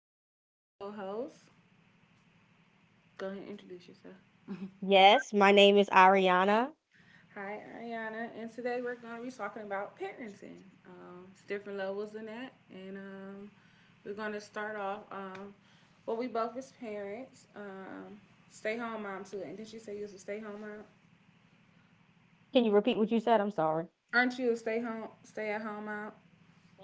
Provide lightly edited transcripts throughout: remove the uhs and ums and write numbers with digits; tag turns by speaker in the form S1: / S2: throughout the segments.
S1: and I got a co host. Go ahead and introduce yourself.
S2: Yes, my name is Ariana.
S1: Hi, Ariana. And today we're going to be talking about parenting. It's different levels in that. And we're going to start off. Well, we both as parents. Stay home mom, too. And did you say you was a stay home mom?
S2: Can you repeat what you said? I'm sorry.
S1: Aren't you a stay home, stay at home mom?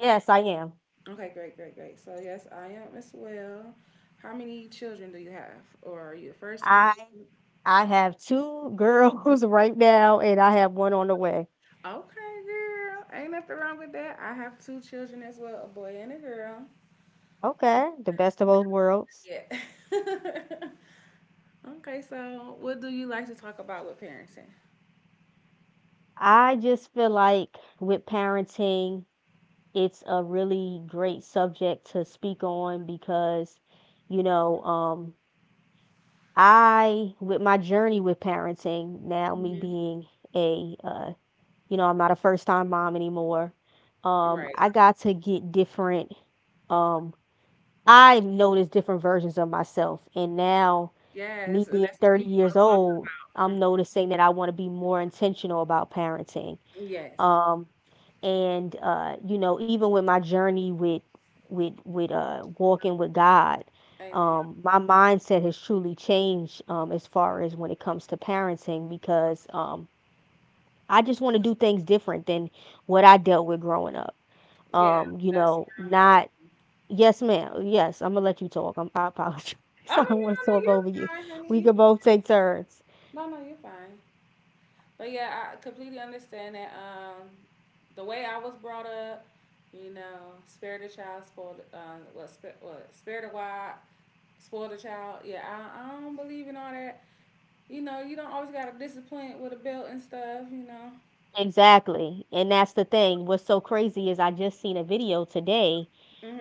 S2: Yes, I am.
S1: Okay, great, great, great. So, yes, I am as well. How many children do you have? Or are you a first time?
S2: I I have two girls right now and I have one on the way.
S1: Okay, girl. Ain't nothing wrong with that. I have two children as well, a boy and a girl.
S2: Okay, the best of both worlds.
S1: Yeah. Okay, so what do you like to talk about with parenting?
S2: I just feel like with parenting, it's a really great subject to speak on because, you know, um, I, with my journey with parenting, now me
S1: hmm
S2: being a you know, I'm not a first time mom anymore.
S1: Right.
S2: I got to get different. Um, I noticed different versions of myself, and now
S1: Yes,
S2: me
S1: and
S2: being
S1: that's what
S2: 30
S1: people
S2: years
S1: don't
S2: old,
S1: talk
S2: I'm
S1: about.
S2: noticing that I want to be more intentional about parenting.
S1: Mhm. Yes.
S2: Um, and you know, even with my journey with with walking with God.
S1: Amen.
S2: My mindset has truly changed as far as when it comes to parenting, because I just want to do things different than what I dealt with growing up.
S1: Yeah,
S2: You
S1: that's
S2: know,
S1: where I'm at.
S2: not Yes, ma'am. Yes, I'm gonna let you talk. I'm, I apologize.
S1: Oh no,
S2: I
S1: no,
S2: don't want to
S1: no, no,
S2: talk
S1: you're
S2: over you.
S1: fine, honey.
S2: We
S1: You-
S2: can both take turns.
S1: No, no, you're fine. But yeah, I completely understand that. The way I was brought up, you know, spare the child, spoil the, what, spare the wild, spoil the child. Yeah, I don't believe in all that. You know, you don't always gotta discipline with a belt and stuff. You know.
S2: Exactly. And that's the thing. What's so crazy is I just seen a video today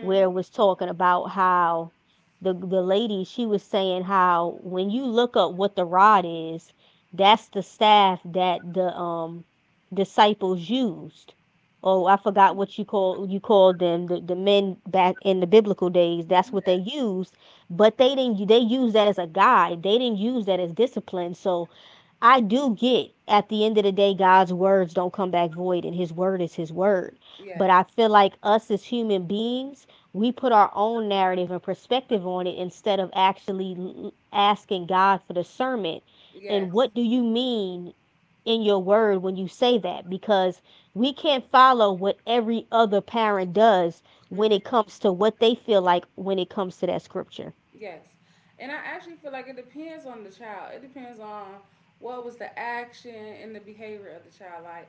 S2: where it was talking about how the lady, she was saying how when you look up what the rod is, that's the staff that the disciples used. Oh, I forgot what you called them, the men back in the biblical days. That's what they used, but they didn't. They used that as a guide. They didn't use that as discipline. So I do get, at the end of the day, God's words don't come back void, and His word is His word. But
S1: Yes.
S2: I feel like us as human beings, we put our own narrative and perspective on it instead of actually asking God for discernment.
S1: Yes.
S2: And what do you mean in your word when you say that? Because we can't follow what every other parent does when
S1: hmm
S2: it comes to what they feel like when it comes to that scripture.
S1: Yes. And I actually feel like it depends on the child. It depends on what was the action and the behavior of the child. Like,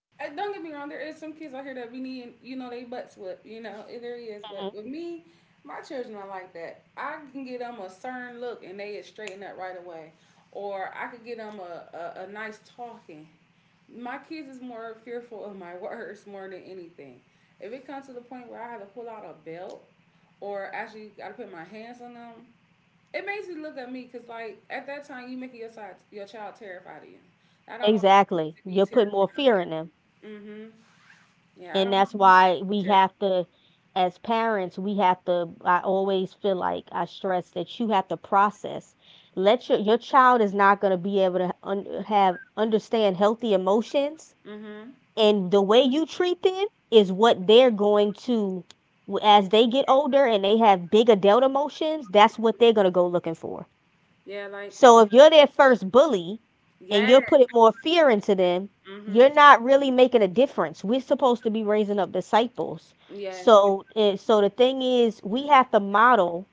S1: and don't get me wrong, there is some kids out here that be needing, you know, they butts whooped, you know, it there is. But
S2: Mhm.
S1: with me, my children are like that. I can get them a stern look and they is straighten up right away. Or I could get them a nice talking. My kids is more fearful of my words more than anything. If it comes to the point where I have to pull out a belt or actually got to put my hands on them, it makes you look at me because, like, at that time, you making your, side, your child terrified of you. I don't want my kids
S2: Exactly.
S1: to be
S2: You'll put more fear in them.
S1: terrified of me. Mm-hmm. Yeah, I
S2: And
S1: don't
S2: that's
S1: want him
S2: why we
S1: either.
S2: have to, as parents, we have to, I always feel like I stress that you have to process. Let your child is not going to be able to un- have understand healthy emotions,
S1: Mhm.
S2: and the way you treat them is what they're going to, as they get older and they have big adult emotions, that's what they're going to go looking for.
S1: Yeah, like
S2: So if you're their first bully and you're
S1: yes.
S2: putting more fear into them,
S1: Mhm.
S2: you're not really making a difference. We're supposed to be raising up disciples.
S1: Yes.
S2: So the thing is, we have to model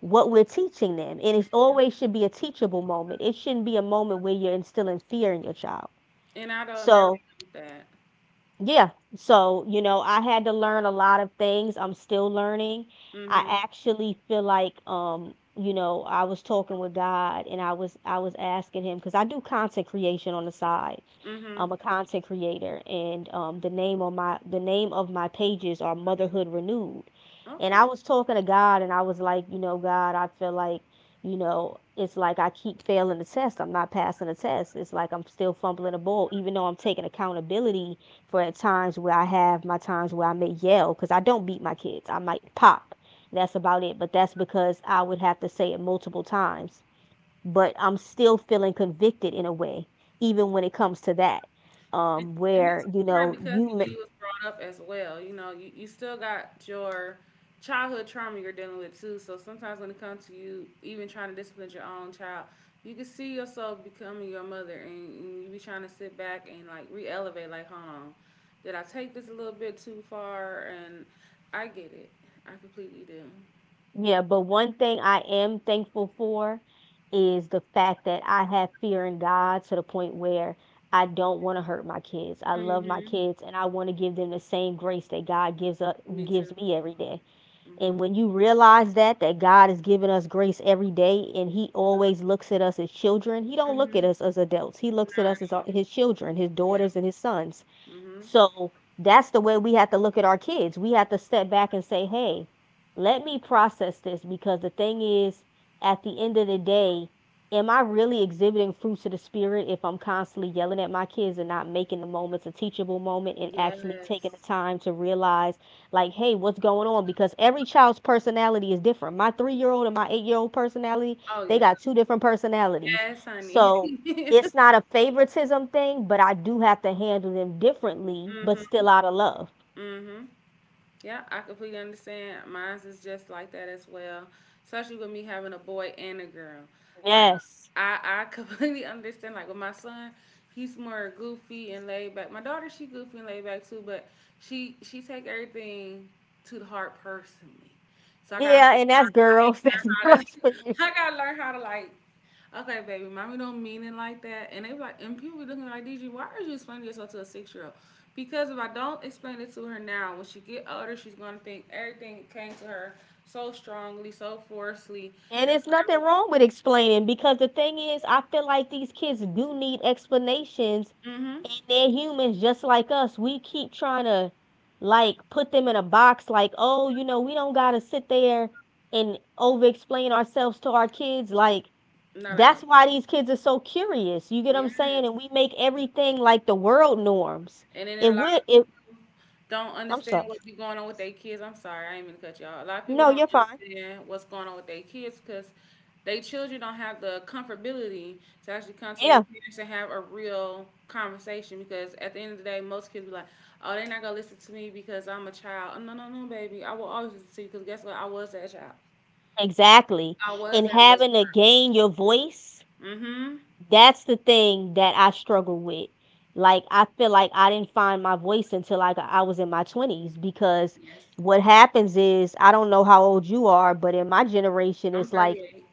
S2: what we're teaching them. And it always should be a teachable moment. It shouldn't be a moment where you're instilling fear in your child.
S1: And I don't never
S2: So
S1: do that.
S2: yeah. So, you know, I had to learn a lot of things. I'm still learning.
S1: Mhm.
S2: I actually feel like, you know, I was talking with God and I was asking him because I do content creation on the side.
S1: Mhm.
S2: I'm a content creator, and the name on my the name of my pages are Motherhood Renewed. And
S1: Okay.
S2: I was talking to God and I was like, you know, God, I feel like, you know, it's like I keep failing the test. I'm not passing the test. It's like I'm still fumbling the ball, even though I'm taking accountability for, at times where I have my times where I may yell, because I don't beat my kids. I might pop. That's about it. But that's because I would have to say it multiple times. But I'm still feeling convicted in a way, even when it comes to that.
S1: And, and
S2: Where
S1: that's
S2: you
S1: hard
S2: know
S1: because the
S2: you
S1: way you
S2: ma-
S1: was brought up as well. You know, you still got your childhood trauma you're dealing with too. So sometimes when it comes to you even trying to discipline your own child, you can see yourself becoming your mother and you be trying to sit back and like re elevate, like, hold on, did I take this a little bit too far? And I get it. I completely do.
S2: Yeah. But one thing I am thankful for is the fact that I have fear in God to the point where I don't want to hurt my kids. I love my
S1: hmm
S2: kids and I want to give them the same grace that God gives up
S1: Me too.
S2: gives me every day. And when
S1: hmm
S2: you realize that God is giving us grace every day, and he always looks at us as children, he don't look at
S1: hmm
S2: us as adults. He looks at
S1: Not
S2: us as
S1: at all.
S2: his children, his
S1: Yes.
S2: daughters and his sons.
S1: hmm
S2: So that's the way we have to look at our kids. We have to step back and say, hey, let me process this, because the thing is, at the end of the day, am I really exhibiting fruits of the spirit if I'm constantly yelling at my kids and not making the moments a teachable moment and actually
S1: Yes.
S2: taking the time to realize, like, hey, what's going on? Because every child's personality is different. My 3 year old and my 8 year old personality,
S1: Oh
S2: they
S1: yeah,
S2: got two different personalities.
S1: yes, honey.
S2: So, it's not a favoritism thing, but I do have to handle them differently, but
S1: Mhm.
S2: still out of love.
S1: Mhm. Yeah, I completely understand. Mine's is just like that as well. Especially with me having a boy and a girl. Like
S2: Yes.
S1: I completely understand. Like with my son, he's more goofy and laid back. My daughter, she goofy and laid back too, but she take everything to the heart personally. So I got
S2: Yeah, and that's
S1: I had
S2: girls.
S1: to learn
S2: That's
S1: how
S2: girls for
S1: to
S2: you.
S1: I gotta learn how to like, okay, baby, mommy don't mean it like that. And they be like, and people be looking like, DG, why are you explaining yourself to a 6 year old? Because if I don't explain it to her now, when she get older, she's gonna think everything came to her so strongly, so forcefully.
S2: And it's nothing wrong with explaining, because the thing is, I feel like these kids do need explanations,
S1: Mm-hmm.
S2: and they're humans just like us. We keep trying to, like, put them in a box, like, oh, you know, we don't got to sit there and over explain ourselves to our kids. Like,
S1: Not at all.
S2: that's why these kids are so curious. You get what I'm saying?
S1: Yes.
S2: And we make everything like the world norms.
S1: And then
S2: If
S1: a lot
S2: we,
S1: of people
S2: if
S1: don't
S2: I'm
S1: understand
S2: sorry,
S1: what be going on with their kids. I'm sorry, I ain't mean to cut y'all. A lot of people
S2: no,
S1: don't
S2: you're fine.
S1: understand what's going on with their kids because they children don't have the comfortability to actually come to their
S2: Yeah,
S1: parents and have a real conversation. Because at the end of the day, most kids be like, "Oh, they're not gonna listen to me because I'm a child." Oh, no, no, no, baby, I will always listen to you because guess what? I was that child.
S2: exactly.
S1: I was
S2: And
S1: that little
S2: having to gain your voice,
S1: girl. Mm-hmm.
S2: that's the thing that I struggle with. Like I feel like I didn't find my voice until like I was in my twenties, because
S1: Yes.
S2: what happens is, I don't know how old you are, but in my generation,
S1: I'm
S2: it's like,
S1: 38.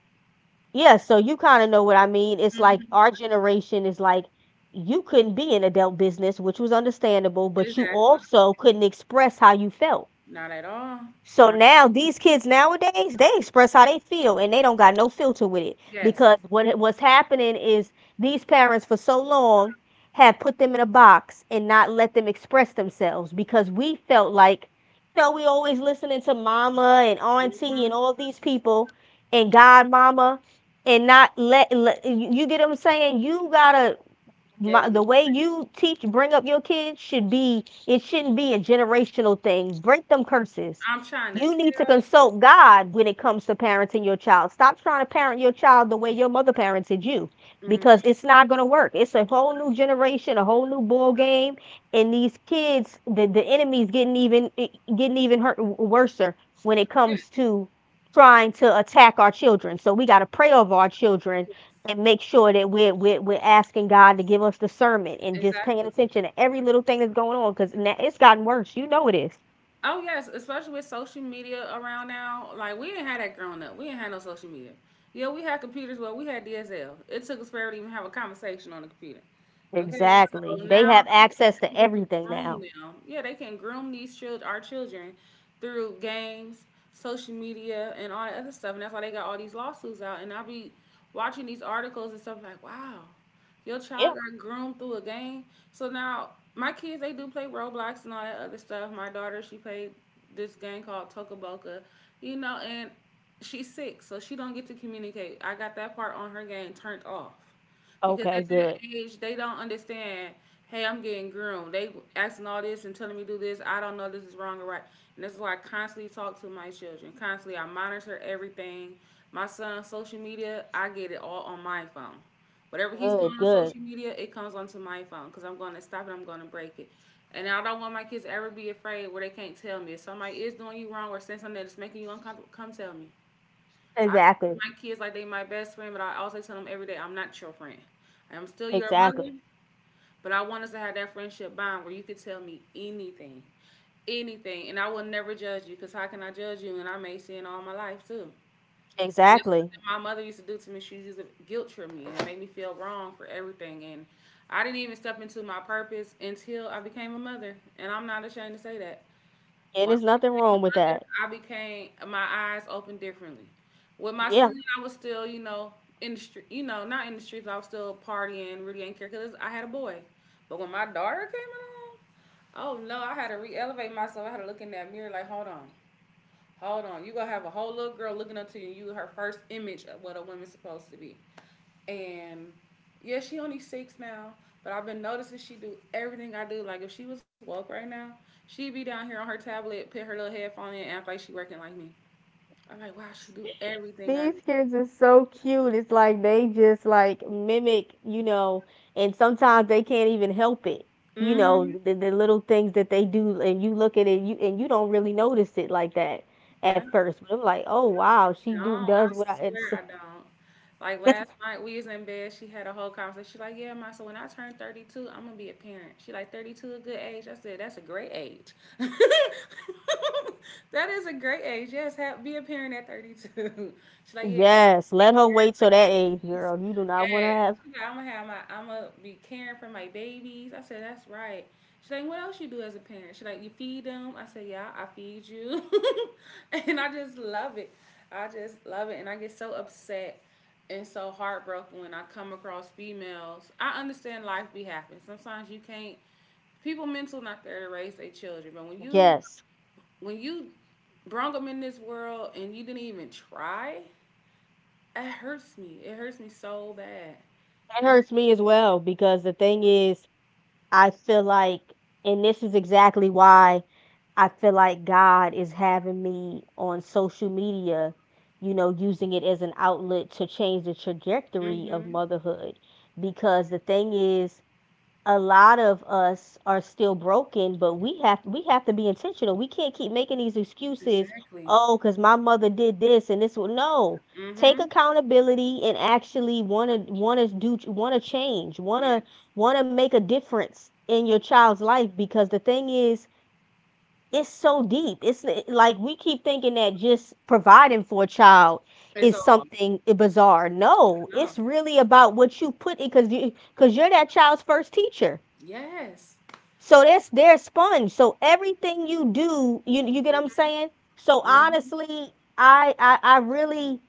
S2: yeah, so you kinda know what I mean. It's like our generation is like, you couldn't be in adult business, which was understandable, but you
S1: Exactly.
S2: also couldn't express how you felt.
S1: Not at all.
S2: So
S1: Not
S2: now these kids nowadays, they express how they feel and they don't got no filter with it,
S1: yes.
S2: because what what's happening is, these parents for so long have put them in a box and not let them express themselves, because we felt like, you know, we always listening to mama and
S1: mm
S2: auntie
S1: hmm
S2: and all these people and godmama, and not let, let you, you get what I'm saying, you got to,
S1: Get
S2: the
S1: 'em
S2: way
S1: quick.
S2: you teach, bring up your kids, should be, it shouldn't be a generational thing. Break them curses.
S1: I'm trying to
S2: You need to
S1: tell you.
S2: consult God when it comes to parenting your child. Stop trying to parent your child the way your mother parented you,
S1: Mhm.
S2: because it's not going to work. It's a whole new generation, a whole new ball game. And these kids, the enemy's getting getting even hurt worse when it
S1: Yes,
S2: comes to trying to attack our children, so we got to pray over our children,
S1: yes,
S2: and make sure that we're asking God to give us discernment, and just paying
S1: exactly.
S2: attention to every little thing that's going on, because now it's gotten worse. You know it is.
S1: Oh yes, especially with social media around now. Like we didn't have that growing up. We didn't have no social media. Yeah, we had computers, but we had DSL. It took us forever to even have a conversation on the computer. Okay,
S2: Exactly.
S1: so
S2: They
S1: now
S2: have access
S1: we're
S2: to
S1: able to
S2: everything
S1: groom
S2: now.
S1: them. Yeah, they can groom these children, our children, through games, social media, and all that other stuff. And that's why they got all these lawsuits out. And I'll be watching these articles and stuff like, wow, your
S2: Yeah.
S1: child got groomed through a game. So now my kids they do play Roblox and all that other stuff. My daughter she played this game called Tokaboka, you know, and she's six, so she don't get to communicate. I got that part on her game turned off because
S2: Okay.
S1: at
S2: Good.
S1: that age they don't understand. Hey, I'm getting groomed. They asking all this and telling me do this. I don't know this is wrong or right, and that's why I constantly talk to my children. Constantly, I monitor everything. My son's social media, I get it all on my phone. Whatever he's doing
S2: Good.
S1: on
S2: Good.
S1: social media, it comes onto my phone because I'm going to stop it. I'm going to break it. And I don't want my kids to ever be afraid where they can't tell me. If somebody is doing you wrong or saying something that's making you uncomfortable, come tell me. I talk to
S2: Exactly.
S1: my kids like they my best friend, but I also tell them every day I'm not your friend. I am still your mother,
S2: Exactly.
S1: but I want us to have that friendship bond where you can tell me anything. Anything. And I will never judge you because how can I judge you? And I may sin all my life too. And that's
S2: Exactly.
S1: what my mother used to do to me. She used to guilt trip me and make me feel wrong for everything. And I didn't even step into my purpose until I became a mother. And I'm not ashamed to say that.
S2: And there's
S1: Once I
S2: nothing
S1: became
S2: wrong
S1: a
S2: with that.
S1: mother, I became my eyes opened differently. With my son,
S2: Yeah.
S1: I was still, you know, in the street, you know, not in the streets, but I was still partying, really didn't care because I had a boy. But when my daughter came along, oh no, I had to re-elevate myself. I had to look in that mirror like, hold on. Hold on, you gonna have a whole little girl looking up to you. And you her first image of what a woman's supposed to be, and yeah, she only six now. But I've been noticing she do everything I do. Like if she was woke right now, she'd be down here on her tablet, put her little headphone in, and act like she working like me. I'm like, wow, she do everything I do.
S2: So cute. It's like they just like mimic, you know, and sometimes they can't even help it. You know,
S1: hmm
S2: the little things that they do, and you look at it, you, and you don't really notice it like that
S1: Yeah.
S2: at first. But I'm like, oh wow, she
S1: Don't.
S2: do
S1: I
S2: does what I.
S1: swear
S2: It's,
S1: I don't. Like last night we was in bed. She had a whole conversation. She like, yeah, ma. So when I turn 32, I'm gonna be a parent. She like 32 a good age. I said that's a great age. That is a great age. Yes, have, be a parent at 32. She like, yeah.
S2: yes, let her wait till that age, girl. You do not
S1: Yes.
S2: want to have,
S1: She's like, I'm gonna have my I'm gonna be caring for my babies. I said, That's right. She's like, What else you do as a parent? She's like, You feed them. I said, Yeah, I feed you. And I just love it. I just love it. And I get so upset and so heartbroken when I come across females. I understand life be happening. Sometimes you can't people mental not there to raise their children, but
S2: yes.
S1: when you brung them in this world and you didn't even try, it hurts me. It hurts me so bad.
S2: That hurts me as well, because the thing is, I feel like, and this is exactly why I feel like God is having me on social media, you know, using it as an outlet to change the trajectory of
S1: Mm-hmm.
S2: motherhood. Because the thing is, a lot of us are still broken, but we have to be intentional. We can't keep making these excuses.
S1: Exactly.
S2: Oh, because my mother did this and this. Will no, take
S1: Mm-hmm.
S2: accountability and actually want to do want to change,
S1: Yes.
S2: want to make a difference in your child's life. Because the thing is, it's so deep. It's like we keep thinking that just providing for a child
S1: It's
S2: is
S1: all.
S2: something bizarre. No,
S1: No.
S2: it's really about what you put in, because you, because you're that child's first teacher,
S1: Yes.
S2: so that's their sponge. So everything you do, you get what I'm
S1: Mm-hmm.
S2: saying? So
S1: Mm-hmm.
S2: honestly, I really,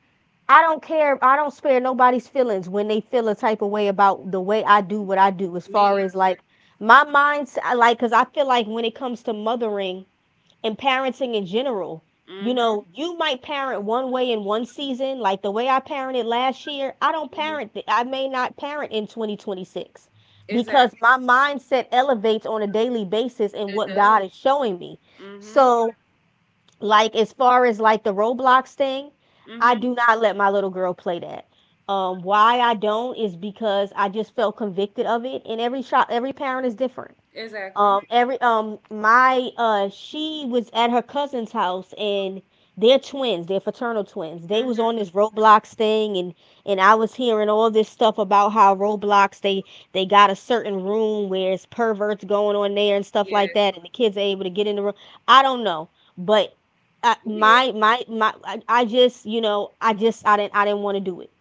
S2: I don't care. I don't spare nobody's feelings when they feel a type of way about the way I do what I do. As
S1: Me
S2: far as
S1: either.
S2: like my mind's I like, cause I feel like when it comes to mothering and parenting in general, you
S1: Mm-hmm.
S2: know, you might parent one way in one season, like the way I parented last year.
S1: Mm-hmm.
S2: I may not parent in 2026 because
S1: Exactly.
S2: my mindset elevates on a daily basis in
S1: It
S2: what
S1: does.
S2: God is showing me.
S1: Mm-hmm.
S2: So, like as far as like the Roblox thing, I
S1: Mm-hmm.
S2: do not let my little girl play that. Why I don't is because I just felt convicted of it, and every child, every parent is different.
S1: Exactly.
S2: Every my She was at her cousin's house, and they're twins. They're fraternal twins. They was on
S1: Mm-hmm.
S2: this Roblox thing, and I was hearing all this stuff about how Roblox they got a certain room where it's perverts going on there and stuff like
S1: Yes.
S2: that, and the kids are able to get in the room. I don't know, but I,
S1: It is.
S2: my I just you know I just I didn't want to do it.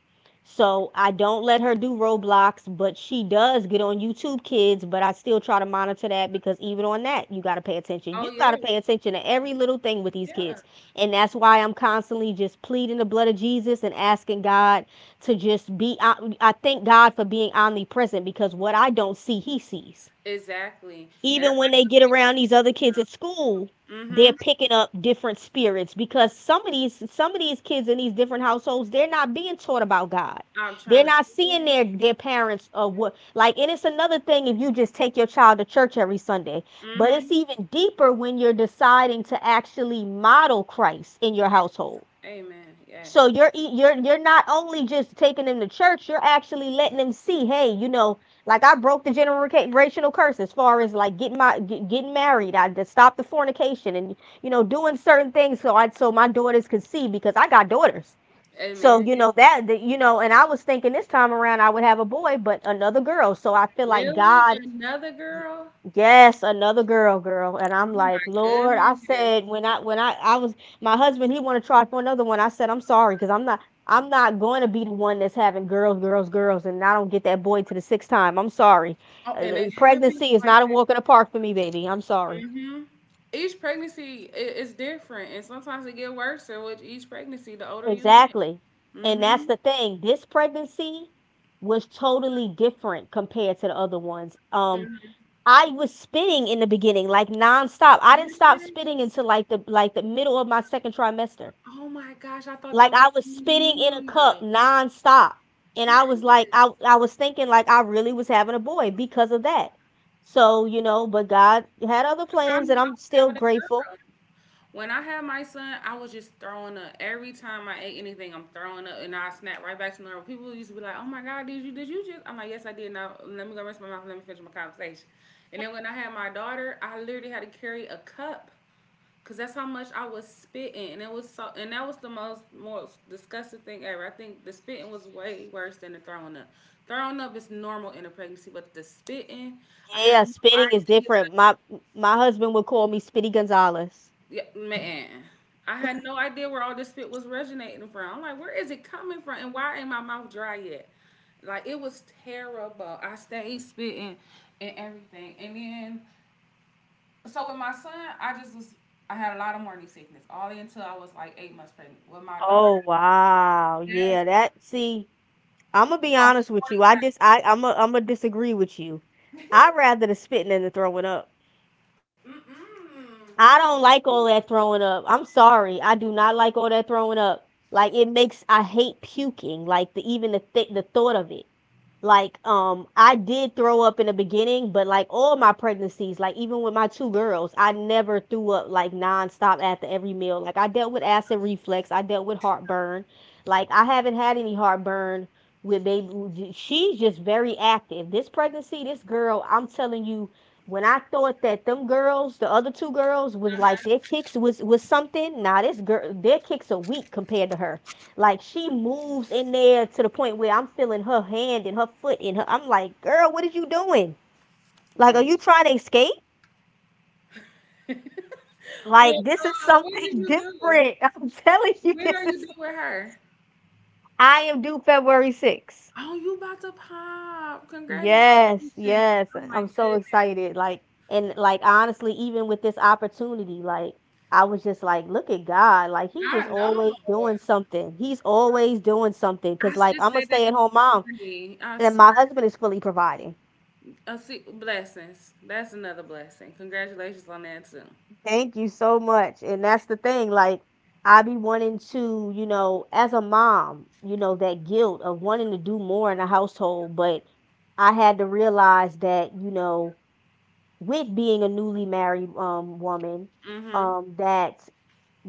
S2: So I don't let her do Roblox, but she does get on YouTube Kids, but I still try to monitor that because even on that, you got to pay attention.
S1: Oh
S2: You got
S1: yeah.
S2: to pay attention to every little thing with these
S1: Yeah.
S2: kids. And that's why I'm constantly just pleading the blood of Jesus and asking God to just I thank God for being omnipresent because what I don't see, he sees
S1: Exactly. And if
S2: even when
S1: I
S2: they
S1: could
S2: get around these
S1: pick
S2: other kids at school,
S1: Mm-hmm.
S2: they're picking up different spirits because some of these kids in these different households, they're not being taught about God.
S1: I'm trying
S2: They're
S1: to
S2: not
S1: tell
S2: seeing
S1: you.
S2: their parents or what like, and it's another thing if you just take your child to church every Sunday, but it's
S1: Mm-hmm.
S2: even deeper when you're deciding to actually model Christ in your household,
S1: Amen. Yes.
S2: so you're not only just taking them to church, you're actually letting them see, hey, you know, like I broke the generational curse as far as like getting married, I just stopped the fornication, and you know, doing certain things so I so my daughters could see because I got daughters. So
S1: Amen.
S2: you
S1: It's
S2: know that, you know, and I was thinking this time around I would have a boy, but another girl. So I feel like
S1: really
S2: God
S1: another
S2: Y-
S1: girl?
S2: yes, another girl, girl. And I'm
S1: Oh
S2: like,
S1: my
S2: Lord, I
S1: goodness.
S2: said when I was my husband, he want to try for another one. I said, I'm sorry, because I'm not going to be the one that's having girls, girls, girls, and I don't get that boy to the sixth time. I'm sorry.
S1: Oh, and it happens
S2: Pregnancy is
S1: like
S2: not a walk in the park for me, baby. I'm sorry.
S1: hmm each pregnancy is different, and sometimes it get worse. And with each pregnancy, the older you get.
S2: Exactly. And that's
S1: Mm-hmm.
S2: the thing. This pregnancy was totally different compared to the other ones.
S1: hmm
S2: I was spitting in the beginning, like nonstop. I didn't stop spitting
S1: Yes.
S2: until like the middle of my second trimester.
S1: Oh my gosh, I thought
S2: Like
S1: that was
S2: I was
S1: only
S2: spitting in a
S1: me.
S2: cup nonstop. And
S1: Yes.
S2: I was like,
S1: That's
S2: I was thinking like I really was having a boy because of that. So, you know, but God had other
S1: how I knew
S2: plans and
S1: I
S2: I'm
S1: was having a
S2: still
S1: girl.
S2: grateful.
S1: When I had my son, I was just throwing up. Every time I ate anything, I'm throwing up, and I snap right back to normal. People used to be like, "Oh my God, did you? Did you just?" I'm like, "Yes, I did." Now let me go rinse my mouth. Let me finish my conversation. And then when I had my daughter, I literally had to carry a cup. Cause that's how much I was spitting, and it was so, and that was the most disgusting thing ever. I think the spitting was way worse than the throwing up. Throwing up is normal in a pregnancy, but the spitting, I had
S2: Yeah,
S1: no
S2: spitting is
S1: idea.
S2: different. My husband would call me Spitty Gonzalez.
S1: Yeah, man, I had no idea where all this spit was originating from. I'm like, where is it coming from, and why ain't my mouth dry yet? Like it was terrible. I stayed spitting and everything, and then so with my son, I just was, I had a lot of morning sickness all the way until I was like 8 months pregnant. With my daughter,
S2: Oh wow.
S1: yes,
S2: Yeah, that see, I'm gonna
S1: I
S2: be honest
S1: lost
S2: with
S1: forty
S2: you. I
S1: pounds.
S2: just I I'm I am a. I'm gonna disagree with you. I'd rather the spitting than the throwing up.
S1: Mm-mm.
S2: I don't like all that throwing up. I'm sorry. I do not like all that throwing up. Like it makes I hate puking. Like the even the th- the thought of it. Like I did throw up in the beginning, but like all my pregnancies, like even with my two girls, I never threw up like nonstop after every meal. Like I dealt with acid reflux, I dealt with heartburn. Like I haven't had any heartburn with baby. She's just very active. This pregnancy, this girl, I'm telling you, when I thought that them girls, the other two girls, was like
S1: Uh-huh.
S2: their kicks was something. Now this girl, their kicks are weak compared to her. Like she moves in there to the point where I'm feeling her hand and her foot and her. I'm like, girl, what are you doing? Like,
S1: Wow.
S2: are you trying to escape? Like, this is
S1: When did
S2: something
S1: you do?
S2: different. I'm telling you,
S1: When are
S2: this
S1: you
S2: is.
S1: due with her?
S2: I am due February 6th.
S1: Oh, you about to pop! Congratulations!
S2: Yes, yes.
S1: Oh my
S2: I'm so
S1: goodness!
S2: excited. Like, and like, honestly, even with this opportunity, like, I was just like, look at God. Like, he
S1: I
S2: just always
S1: know. I
S2: doing something. He's always doing something. Cause, like,
S1: just
S2: I'm a
S1: said that
S2: stay at home
S1: this
S2: mom
S1: morning. I
S2: and
S1: swear.
S2: my husband is fully providing.
S1: I see blessings. That's another blessing. Congratulations on that too.
S2: Thank you so much. And that's the thing. Like, I be wanting to, you know, as a mom, you know, that guilt of wanting to do more in the household. But I had to realize that, you know, with being a newly married, woman,
S1: Mhm.
S2: that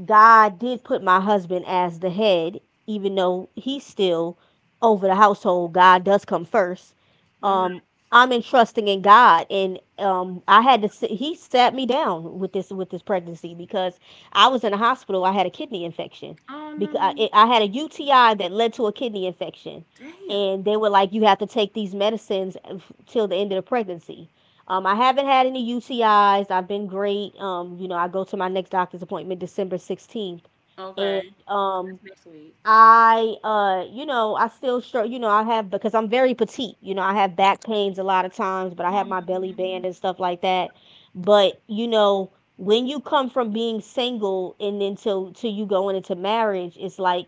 S2: God did put my husband as the head, even though he's still over the household. God does come first.
S1: Mhm.
S2: Um, I'm entrusting in God, and I had to. He sat me down with this pregnancy because I was in the hospital. I had a kidney infection
S1: Oh
S2: because
S1: no.
S2: I had a UTI that led to a kidney infection,
S1: Damn.
S2: and they were like, "You have to take these medicines till the end of the pregnancy." I haven't had any UTIs. I've been great. You know, I go to my next doctor's appointment December 16th.
S1: Okay.
S2: And
S1: So that's next week.
S2: I you know I still struggle, you know, I have, because I'm very petite, you know, I have back pains a lot of times, but I have my belly band
S1: Um,
S2: and stuff like that, but you know when you come from being single and then till you going into marriage, it's like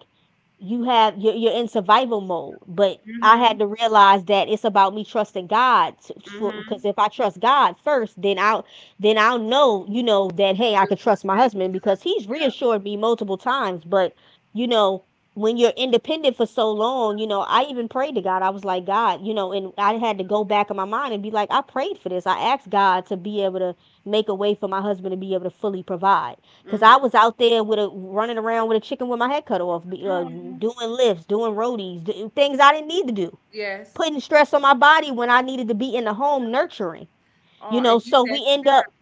S2: you're in survival mode, but I
S1: mhm.
S2: had to realize that it's about me trusting God
S1: Mhm.
S2: because if I trust God first, then I'll know, you know, that hey, I
S1: You'll
S2: could
S1: feel
S2: trust my
S1: safe
S2: husband
S1: with your
S2: because
S1: husband.
S2: he's
S1: Yep.
S2: reassured me multiple times. But you know, when you're independent for so long, you know, I even prayed to God. I was like, God, you know, and I had to go back in my mind and be like, I prayed for this. I asked God to be able to make a way for my husband to be able to fully provide. Cause I was out there with a running around with a chicken with my head cut off,
S1: Mhm. Aw.
S2: doing lifts, doing roadies, things I didn't need to do,
S1: Yes.
S2: putting stress on my body when I needed to be in the home nurturing.
S1: Oh,
S2: You know,
S1: and he
S2: so
S1: set you down.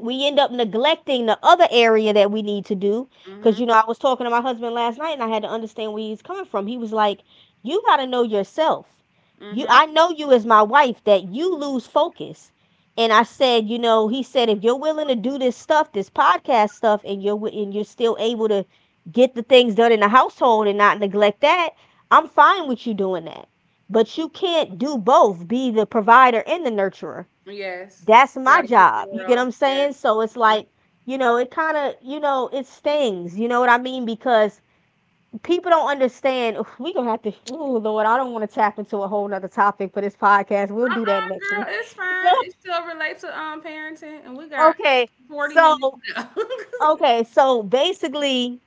S2: we end up neglecting the other area that we need to do. Cause
S1: Mhm.
S2: you know, I was talking to my husband last night and I had to understand where he was coming from. He was like, you gotta know yourself. You
S1: Mhm.
S2: I know you as my wife that you lose focus. And I said, you know, he said, if you're willing to do this stuff, this podcast stuff, and and you're still able to get the things done in the household and not neglect that, I'm fine with you doing that. But you can't do both, be the provider and the nurturer.
S1: Yes.
S2: That's
S1: You
S2: my
S1: gotta pick
S2: job.
S1: your
S2: You get what
S1: girl.
S2: I'm
S1: Yeah.
S2: saying? So it's
S1: Mhm.
S2: like, you know, it kind of, you know, it stings. You know what I mean? Because people don't understand. Oof, we gonna have to. Oh Lord, I don't want to tap into a whole nother topic for this podcast. We'll do that
S1: Uh-uh,
S2: next
S1: girl.
S2: one.
S1: It's fine.
S2: Look,
S1: It still relates to parenting, and we got
S2: okay.
S1: 40 minutes
S2: So
S1: to go.
S2: okay, so basically,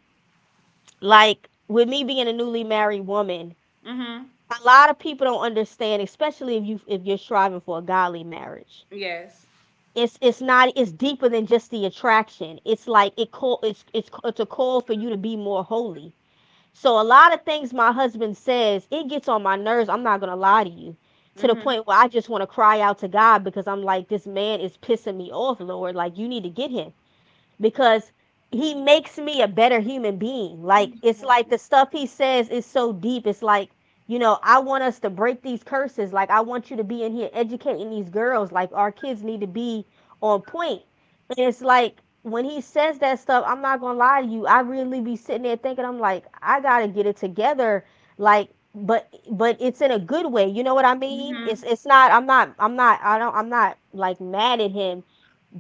S2: like with me being a newly married woman,
S1: Mhm.
S2: a lot of people don't understand, especially if you're striving for a godly marriage,
S1: Yes.
S2: it's not it's deeper than just the attraction. It's like it's a call for you to be more holy. So a lot of things my husband says, it gets on my nerves. I'm not gonna lie to you, to the
S1: Mhm.
S2: point where I just want to cry out to God because I'm like, this man is pissing me off, Lord. Like you need to get him because he makes me a better human being. Like it's
S1: Mhm.
S2: like the stuff he says is so deep. It's like, you know, I want us to break these curses. Like I want you to be in here educating these girls. Like our kids need to be on point. And it's like when he says that stuff, I'm not gonna lie to you. I really be sitting there thinking, I'm like, I gotta get it together. Like, but it's in a good way. You know what I mean?
S1: Mhm.
S2: It's not. I'm not. I'm not. I don't. I'm not like mad at him.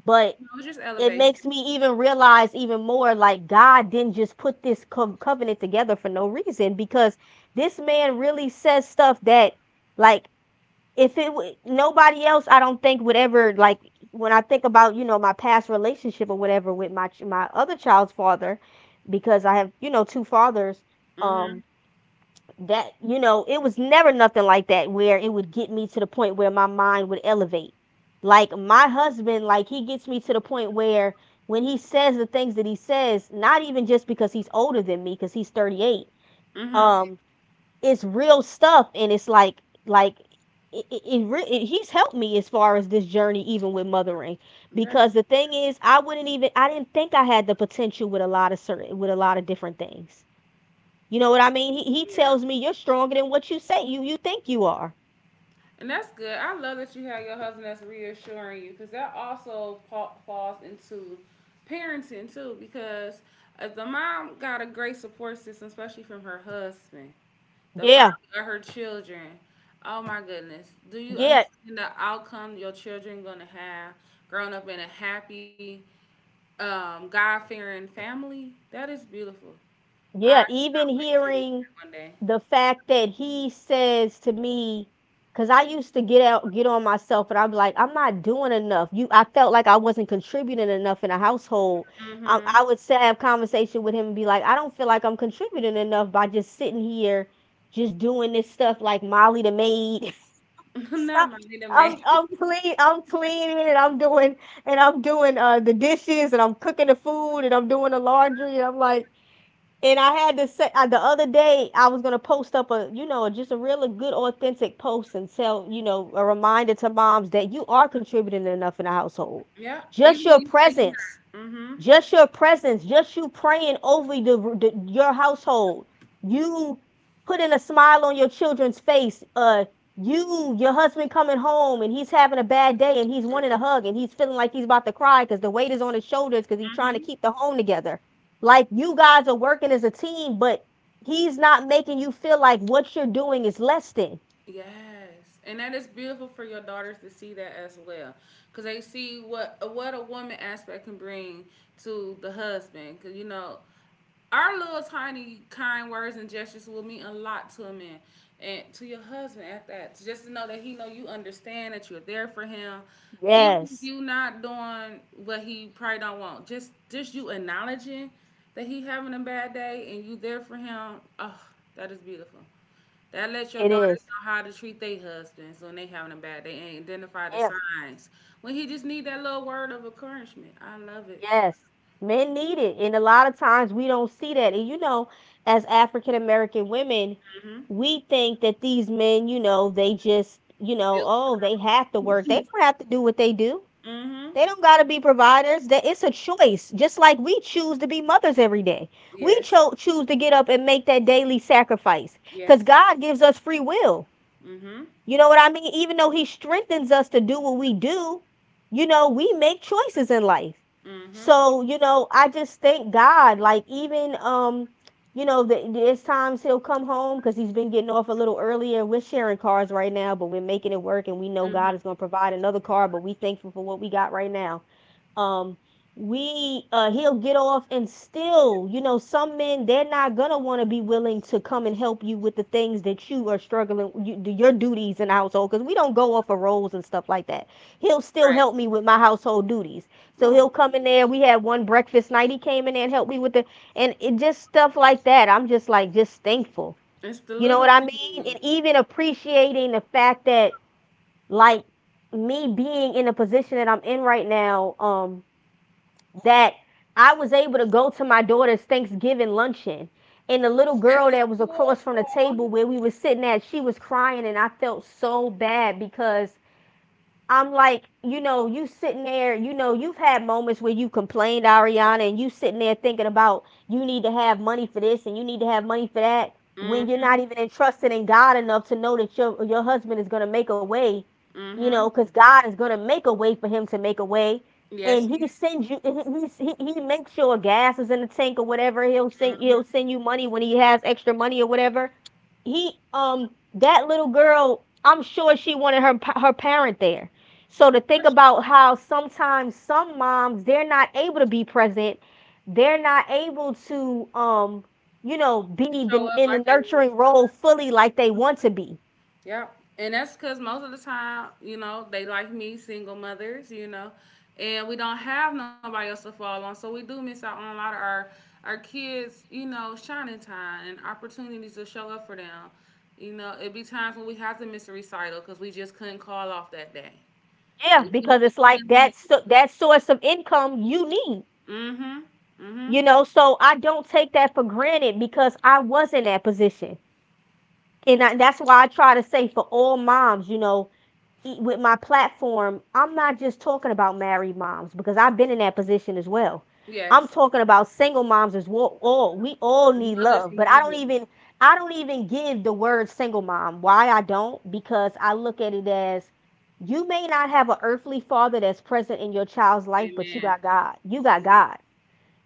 S2: But
S1: No, just
S2: it
S1: elevation.
S2: makes me even realize even more, like, God didn't just put this covenant together for no reason, because this man really says stuff that, like, if it w- nobody else I don't think would ever, like, when I think about, you know, my past relationship or whatever with my my other child's father, because I have, you know, two fathers, um
S1: Mhm.
S2: that, you know, it was never nothing like that where it would get me to the point where my mind would elevate. Like my husband, like he gets me to the point where when he says the things that he says, not even just because he's older than me, because he's 38.
S1: Mhm.
S2: um it's real stuff, and it's like it he's helped me as far as this journey, even with mothering,
S1: That's
S2: because the thing is, I wouldn't even, I didn't think I had the potential with a lot of certain, with a lot of different things. You know what I mean? He
S1: yeah.
S2: tells me, you're stronger than what you say you think you are.
S1: And that's good. I love that you have your husband that's reassuring you because that also falls into parenting too. Because if the mom got a great support system, especially from her husband, the father
S2: Yeah,
S1: of her children, oh my goodness, do you
S2: yeah,
S1: understand the outcome your children gonna have growing up in a happy, God fearing family? That is beautiful.
S2: yeah.
S1: I
S2: Even
S1: cannot wait to reach
S2: hearing
S1: that one day.
S2: the fact that he says to me, because I used to get out, get on myself, and I'm like, I'm not doing enough. You, I felt like I wasn't contributing enough in a household. I,
S1: Mm-hmm.
S2: I would say, have conversation with him and be like, I don't feel like I'm contributing enough by just sitting here, just doing this stuff like Molly the maid.
S1: Not
S2: Stop.
S1: money to
S2: I'm
S1: make.
S2: I'm clean. I'm cleaning, and I'm doing and I'm doing the dishes, and I'm cooking the food, and I'm doing the laundry, and I'm like, and I had to say, the other day I was gonna post up a, you know, just a really good authentic post and tell, you know, a reminder to moms that you are contributing enough in the household.
S1: Yeah,
S2: Just
S1: even in
S2: your
S1: Ukraine.
S2: presence,
S1: Mm-hmm.
S2: just your presence, just you praying over your household. You putting a smile on your children's face. You, your husband coming home, and he's having a bad day, and he's wanting a hug, and he's feeling like he's about to cry because the weight is on his shoulders because he's trying to
S1: Mm-hmm.
S2: keep the home together. Like, you guys are working as a team, but he's not making you feel like what you're doing is less than.
S1: Yes, and that is beautiful for your daughters to see that as well, because they see what a woman aspect can bring to the husband. Because you know, our little tiny kind words and gestures will mean a lot to a man and to your husband at that. Just to know that he know you understand that you're there for him, even if
S2: Yes,
S1: you not doing what he probably don't want. Just you acknowledging that he having a bad day and you there for him. Oh, that is beautiful. That lets your
S2: it
S1: daughters
S2: is.
S1: know how to treat their husbands when they having a bad day and identify the
S2: Yes.
S1: signs. When he just need that little word of encouragement. I love it.
S2: Yes, men need it, and a lot of times we don't see that. And, you know, as African American women,
S1: Mm-hmm.
S2: we think that these men, you know, they just, you know,
S1: Built
S2: oh, they
S1: strength.
S2: have to work. They don't have to do what they do.
S1: Mm-hmm.
S2: They don't got to be providers. That it's a choice. Just like we choose to be mothers every day. We
S1: Yes.
S2: cho- choose to get up and make that daily sacrifice, cuz
S1: Yes.
S2: God gives us free will.
S1: Mm-hmm.
S2: You know what I mean? Even though he strengthens us to do what we do, you know, we make choices in life.
S1: Mm-hmm.
S2: So, you know, I just thank God. Like, even, you know, there's times he'll come home because he's been getting off a little earlier. We're sharing cars right now, but we're making it work, and we know God
S1: Mm-hmm.
S2: is going to provide another car. But we thankful for what we got right now. Um, we he'll get off and still, you know, some men, they're not gonna want to be willing to come and help you with the things that you are struggling, you, do your duties in the household, because we don't go off of roles and stuff like that. He'll still
S1: Right.
S2: help me with my household duties. So
S1: Oh,
S2: he'll come in there, we had one breakfast night, he came in there and helped me with the, and it just stuff like that. I'm just like, just thankful.
S1: it's the
S2: You know what
S1: little
S2: I mean?
S1: things.
S2: And even appreciating the fact that, like, me being in the position that I'm in right now, that I was able to go to my daughter's Thanksgiving luncheon. And the little
S1: At
S2: girl
S1: the
S2: that was
S1: school
S2: across from the
S1: hall.
S2: table where we were sitting at, she was crying. And I felt so bad because I'm like, you know, you sitting there, you know, you've had moments where you complained, Ariana, and you sitting there thinking about you need to have money for this and you need to have money for that, when you're
S1: Mm-hmm.
S2: not even entrusted in God enough to know that your husband is going to make a way, you
S1: Mm-hmm.
S2: know, cuz God is going to make a way for him to make a way.
S1: Yes.
S2: And he sends you. He, he makes sure gas is in the tank or whatever. He'll
S1: Mm-hmm.
S2: send you money when he has extra money or whatever. He, that little girl, I'm sure she wanted her her parent there, so to think about how sometimes some moms, they're not able to be present, they're not able to, you know, be
S1: Show
S2: the,
S1: up
S2: in the
S1: like they want
S2: nurturing role fully like they
S1: to. Mm-hmm.
S2: want to be.
S1: Yep. And that's because most of the time, you know, they like me, single mothers, you know, and we don't have nobody else to fall on. So we do miss out on a lot of our kids, you know, shining time and opportunities to show up for them. You know, it'd be times when we have to miss a recital because we just couldn't call off that day.
S2: Yeah,
S1: We couldn't.
S2: because
S1: We
S2: it's like
S1: couldn't
S2: that,
S1: leave.
S2: so, that source of income you need.
S1: Mm-hmm. Mm-hmm.
S2: You know, so I don't take that for granted because I was in that position. And I, that's why I try to say for all moms, you know, with my platform, I'm not just talking about married moms because I've been in that position as well. I'm
S1: Yes.
S2: talking about single moms as well. All we all need
S1: Mothers
S2: love,
S1: in
S2: but
S1: general.
S2: I don't even give the word single mom. Why I don't? Because I look at it as, you may not have an earthly father that's present in your child's life, but you
S1: Amen.
S2: got God. You got God.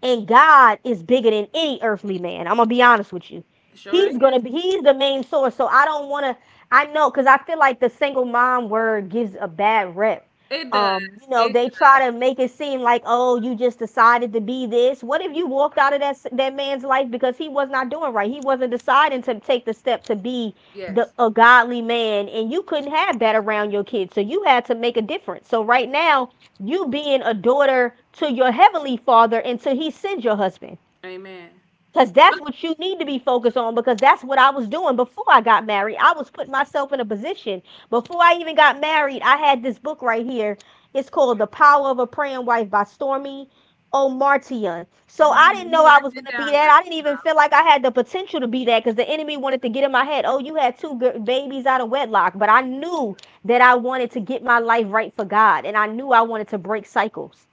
S2: And God is bigger than any earthly man. I'm gonna be honest with you.
S1: Sure is.
S2: He's gonna be He's the main source. So I don't wanna, I know, because I feel like the single mom word gives a bad rep.
S1: It does.
S2: You know,
S1: It
S2: they
S1: does.
S2: try to make it seem like, oh, you just decided to be this. What if you walked out of that man's life because he was not doing right? He wasn't deciding to take the step to be the
S1: Yes.
S2: a godly man, and you couldn't have that around your kids, so you had to make a difference. So right now, you being a daughter to your heavenly father until he sends your husband.
S1: Amen.
S2: Because that's what you need to be focused on, because that's what I was doing before I got married. I was putting myself in a position. Before I even got married, I had this book right here. It's called The Power of a Praying Wife by Stormy O'Martian.
S1: Hold
S2: So I
S1: on,
S2: didn't
S1: let
S2: know
S1: me
S2: I
S1: write
S2: was going
S1: that
S2: to be
S1: down,
S2: that.
S1: girl.
S2: I didn't even feel like I had the potential to be that because the enemy wanted to get in my head. Oh, you had two babies out of wedlock. But I knew that I wanted to get my life right for God. And I knew I wanted to break cycles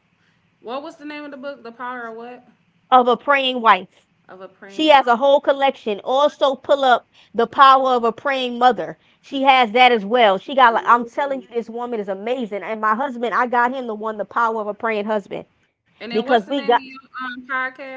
S1: What was the name of the book? The Power of What?
S2: of a praying wife.
S1: Of a
S2: She
S1: Praying Woman.
S2: has a whole collection. Also, pull up The Power of a Praying Mother. She has that as well. She got, like, I'm telling you,
S1: Ooh.
S2: this woman is amazing. And my husband, I got him the one, The Power of a Praying Husband,
S1: And then what's the
S2: because
S1: name of
S2: we
S1: your
S2: got
S1: podcast?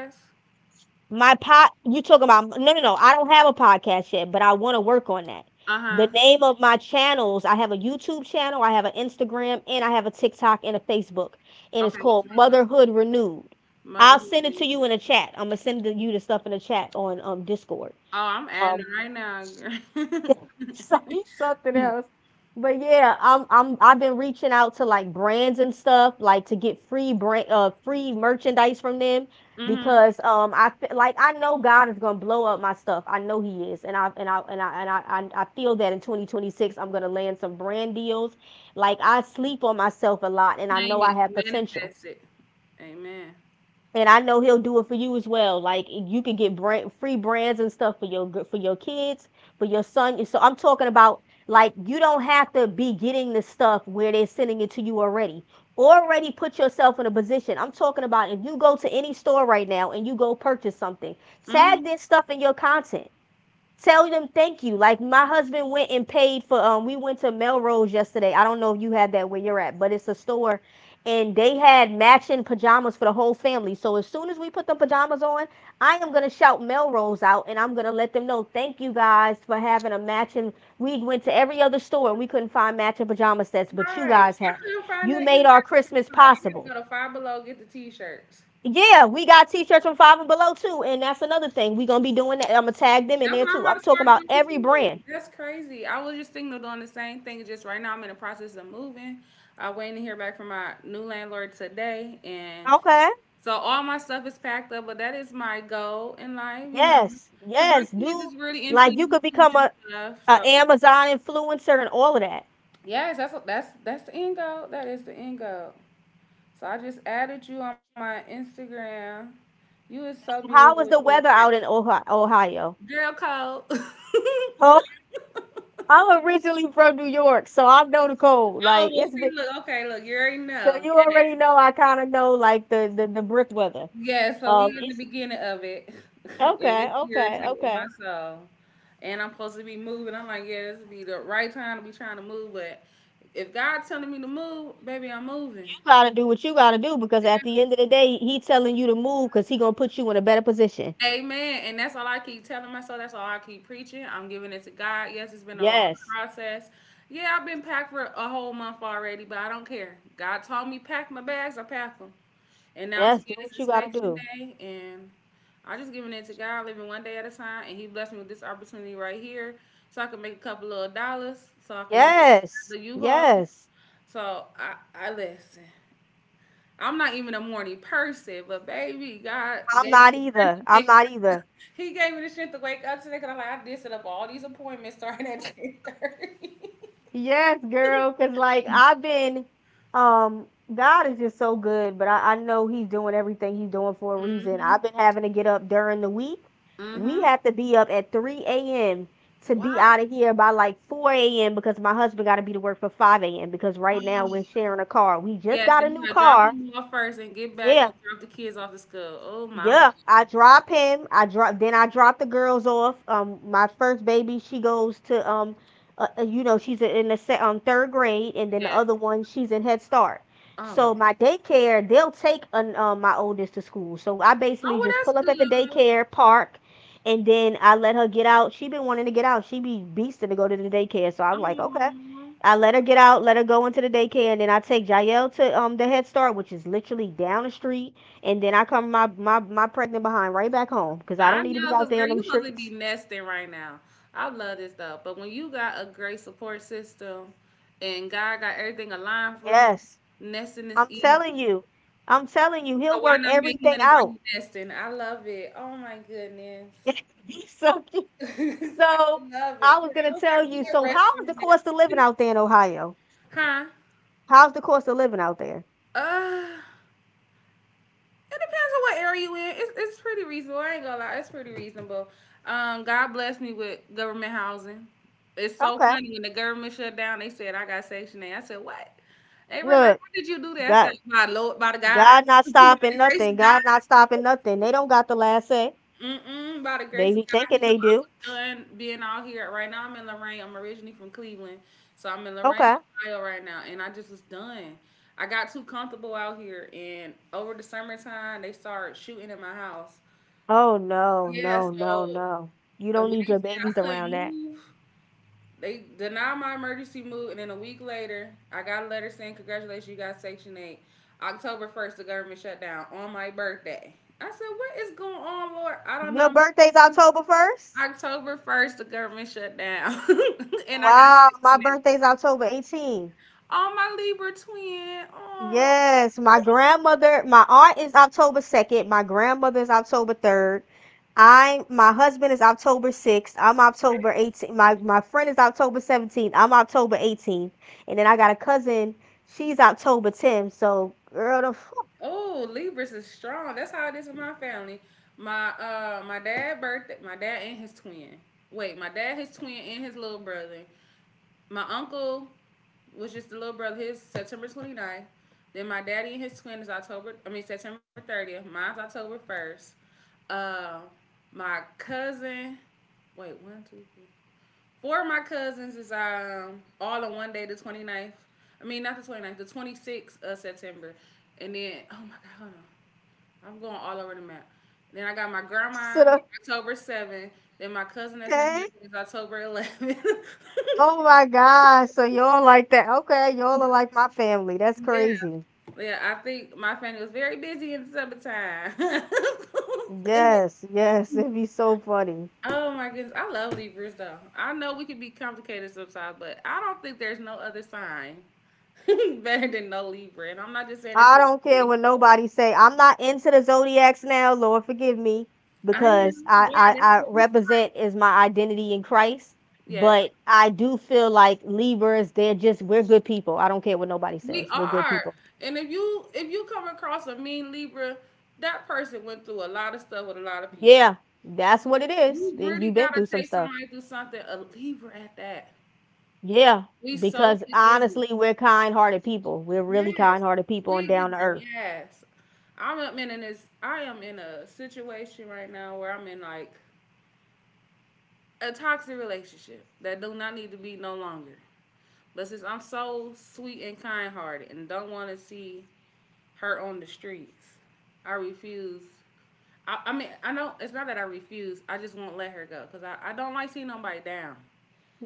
S2: my pod. You talking about? No, no, no. I don't have a podcast yet, but I want to work on that.
S1: Uh
S2: The
S1: huh.
S2: name of my channels, I have a YouTube channel, I have an Instagram, and I have a TikTok and a Facebook. And it's
S1: Okay, what's
S2: called
S1: the name of
S2: Motherhood Renewed.
S1: it?
S2: I'll
S1: Motherhood.
S2: send it to
S1: And-
S2: you
S1: Good.
S2: in a chat. I'm gonna send you the stuff in the chat on Discord.
S1: Oh, I'm adding
S2: Um,
S1: it right now, girl.
S2: So- It's something else. But yeah, I've been reaching out to, like, brands and stuff, like to get free brand, free merchandise from them,
S1: Mm-hmm.
S2: because, um, like I know God is gonna blow up my stuff. I know He is, and I and I and I and I I feel that in 2026 I'm gonna land some brand deals. Like, I sleep on myself a lot, and I know
S1: Claim
S2: I
S1: it.
S2: have potential,
S1: Manifest it. Amen.
S2: and I know he'll do it for you as well. Like, you can get brand, free brands and stuff for your kids, for your son. So I'm talking about, like, you don't have to be getting the stuff where they're sending it to you already. Already put yourself in a position. I'm talking about if you go to any store right now and you go purchase something,
S1: Mm-hmm.
S2: tag this stuff in your content, tell them thank you. Like, my husband went and paid for, um, we went to Melrose yesterday. I don't know if you had that where you're at, but it's a store, and they had matching pajamas for the whole family. So as soon as we put the pajamas on, I am gonna shout Melrose out, and I'm gonna let them know thank you guys for having a matching we went to every other store and we couldn't find matching pajama sets,
S1: All
S2: but you
S1: right.
S2: guys
S1: I
S2: had it.
S1: couldn't find
S2: You
S1: that either.
S2: made
S1: Guys,
S2: our
S1: besides,
S2: Christmas
S1: I gotta
S2: possible.
S1: go to Five Below, get the t shirts.
S2: Yeah, we got t-shirts from Five and Below too, and that's another thing. We're gonna be doing that. I'm gonna tag them in
S1: That's
S2: there
S1: what I'm
S2: too. I'm
S1: about to
S2: talking
S1: start
S2: about
S1: doing
S2: every brand.
S1: too. That's crazy. I was just thinking of doing the same thing. Just right now, I'm in the process of moving. I'm waiting to hear back from my new landlord today, and
S2: Okay.
S1: so all my stuff is packed up. But that is my goal in life, you know,
S2: Yes.
S1: because my
S2: Yes.
S1: kids is
S2: Do
S1: really into
S2: like you could
S1: YouTube
S2: become
S1: and stuff. So
S2: a Amazon influencer and all of that.
S1: yes, that's that's the end goal. That is the end goal. So I just added you on my Instagram. You is so beautiful
S2: How
S1: with
S2: is
S1: your
S2: the
S1: little
S2: weather
S1: friend.
S2: out in Ohio? Ohio?
S1: Girl code.
S2: Oh, I'm originally from New York, so I know the cold.
S1: Oh,
S2: Like
S1: well,
S2: it's
S1: see,
S2: been,
S1: look, okay, look, you already
S2: so
S1: know.
S2: you
S1: Yeah,
S2: already know. I kind of know like the brick weather.
S1: yeah. So we in the
S2: It's
S1: beginning of it, and it's
S2: okay, okay,
S1: irritating my
S2: okay.
S1: soul. And I'm supposed to be moving. I'm like, yeah, this would be the right time to be trying to move. But if God telling me to move, baby, I'm moving.
S2: You gotta do what you gotta do because at the end
S1: Yes.
S2: of the day, he telling you to move because he gonna put you in a better position.
S1: Amen. And that's all I keep telling myself. That's all I keep preaching. I'm giving it to God. Yes, it's been a long
S2: Yes,
S1: process. Yeah, I've been packed for a whole month already, but I don't care. God told me pack my bags. I pack them. And now
S2: yes. Do
S1: today is
S2: what you gotta
S1: inspection
S2: do.
S1: day, and I just giving it to God, living one day at a time, and He blessed me with this opportunity right here, so I can make a couple little dollars, so I can be
S2: Yes,
S1: the U-Haul.
S2: yes.
S1: So I listen. I'm not even a morning person, but baby, God
S2: I'm
S1: gave me
S2: not
S1: the strength
S2: either.
S1: to
S2: I'm
S1: wake.
S2: not either.
S1: He gave me the strength to wake up today, cause I'm like I did set up all these appointments starting at 10:30.
S2: Yes, girl, because like I've been, um, God is just so good, but I know He's doing everything He's doing for a reason. I've
S1: Mhm.
S2: been having to get up during the week. We
S1: Mhm.
S2: have to be up at 3 a.m. to be
S1: Why?
S2: out of here by like 4 a.m. because my husband got to be to work for 5 a.m. because right now
S1: Oh.
S2: we're sharing a car. We just
S1: Yeah. So
S2: got a
S1: you
S2: new
S1: gotta drop
S2: car.
S1: him off first and get back
S2: Yeah,
S1: and drop the kids off to school. Oh, mama.
S2: yeah, I drop him. I drop then I drop the girls off. My first baby, she goes to you know, she's in the third grade, and then the other
S1: Yes.
S2: one, she's in Head Start.
S1: Oh, my.
S2: So my daycare, they'll take an, my oldest to school. So I
S1: Oh,
S2: basically
S1: well,
S2: just
S1: that's
S2: pull up at the
S1: good.
S2: daycare park, and then I let her get out. She been wanting to get out. She be beasting to go to the daycare. So I'm like, okay.
S1: Um,
S2: I let her get out, let her go into the daycare, and then I take Jael to the Head Start, which is literally down the street, and then I come my pregnant behind right back home because I
S1: I
S2: don't need to be
S1: know,
S2: out
S1: cause
S2: there
S1: girl,
S2: in them
S1: you must be
S2: streets.
S1: nesting right now. I love this stuff. But when you got a great support system, and God got everything aligned for you,
S2: Yes,
S1: nesting is
S2: I'm
S1: easy.
S2: telling you, I'm telling you, he'll
S1: So why
S2: work
S1: not make
S2: everything
S1: money while
S2: out.
S1: you nesting? I love it. Oh my goodness,
S2: So
S1: I
S2: so
S1: love
S2: I
S1: it.
S2: was
S1: Girl,
S2: gonna
S1: I wish I
S2: tell
S1: could
S2: you.
S1: get
S2: So
S1: rest
S2: how
S1: when
S2: is the
S1: I'm
S2: cost of living
S1: nesting.
S2: out there in Ohio?
S1: Huh?
S2: How's the cost of living out there?
S1: Uh It depends on what area you in. It's pretty reasonable. I ain't gonna lie, it's pretty reasonable. God bless me with government housing. It's so
S2: Okay,
S1: funny when the government shut down. They said I got Section eight. I said what? They were like,
S2: look,
S1: "How did you do that?" I said,
S2: God,
S1: "By the Lord, by the God,
S2: God not
S1: by
S2: stopping
S1: the grace
S2: nothing.
S1: of
S2: God not stopping
S1: God."
S2: nothing. They don't got the last say.
S1: Mm-mm, by the
S2: They
S1: grace of
S2: be thinking
S1: God, He
S2: they do.
S1: know I'm done being out here. Right now, I'm in Lorraine. I'm originally from Cleveland, so I'm in Lorraine,
S2: Okay.
S1: Ohio right now, and I just was done. I got too comfortable out here, and over the summertime, they started shooting at my house.
S2: Oh no,
S1: Yeah,
S2: no, no,
S1: so
S2: no. You
S1: and
S2: don't
S1: when
S2: need
S1: they said
S2: your
S1: I
S2: babies
S1: couldn't
S2: around that.
S1: move, they denied my emergency move, and then a week later, I got a letter saying, "Congratulations, you got Section 8. October 1st, the government shut down on my birthday." I said, "What is going on, Lord? I don't
S2: Your
S1: know."
S2: birthday's October 1st?
S1: October 1st, the government shut down, and I got
S2: Wow, my
S1: Section 8.
S2: birthday's October 18th.
S1: Oh, my Libra twin. Oh.
S2: Yes, my grandmother, my aunt is October 2nd, my grandmother is October 3rd. I my husband is October 6th. I'm October 18th. My friend is October 17th. I'm October 18th. And then I got a cousin, she's October 10th. So, girl, the
S1: Oh, Libras is strong. That's how it is in my family. My my dad birthday my dad and his twin. Wait, my dad, his twin, and his little brother. My uncle was just the little brother, his September twenty ninth. Then my daddy and his twin is October, I mean September 30th. Mine's October 1st. Uh my cousin, wait, one, two, three. Four of my cousins is all on one day, the twenty ninth. I mean not the twenty ninth, the 26th of September. And then oh my god, hold on. I'm going all over the map. Then I got my
S2: so
S1: grandma
S2: the-
S1: October 7th. Then my cousin that's in here
S2: okay.
S1: is October 11th.
S2: Oh my gosh. So y'all like that. Okay, y'all are like my family. That's
S1: Yeah,
S2: crazy.
S1: yeah. I think my family was very busy in the summertime. And then
S2: Yes, yes, it'd be so funny.
S1: oh my goodness, I love Libras though. I know we can be complicated sometimes, but I don't think there's no other sign better than no Libra. And I'm not just saying this,
S2: I
S1: 'cause
S2: don't care
S1: I'm
S2: what nobody say. I'm not into the zodiacs now, Lord forgive me,
S1: I
S2: because
S1: am.
S2: I,
S1: Yeah,
S2: I
S1: that's
S2: I
S1: what we.
S2: represent is my identity in Christ.
S1: Yeah,
S2: But I do feel like Libras, they're just we're good people. I don't care what nobody
S1: we
S2: says. We're good
S1: are.
S2: people.
S1: And if you come across a mean Libra, that person went through a lot of stuff with a lot of people.
S2: Yeah, that's what it is.
S1: You
S2: Y-
S1: really
S2: You've been
S1: gotta
S2: through some
S1: take
S2: stuff.
S1: somebody through something, a Libra at that.
S2: Yeah,
S1: We so
S2: because
S1: forgiving.
S2: honestly, we're kind-hearted people. We're really
S1: Yes.
S2: kind-hearted people and
S1: We give
S2: down to
S1: her
S2: earth.
S1: yes. I'm up in this I am in a situation right now where I'm in like a toxic relationship that do not need to be no longer. But since I'm so sweet and kind hearted and don't wanna see her on the streets, I refuse. I mean, I know it's not that I refuse. I just won't let her go because I don't like seeing nobody down.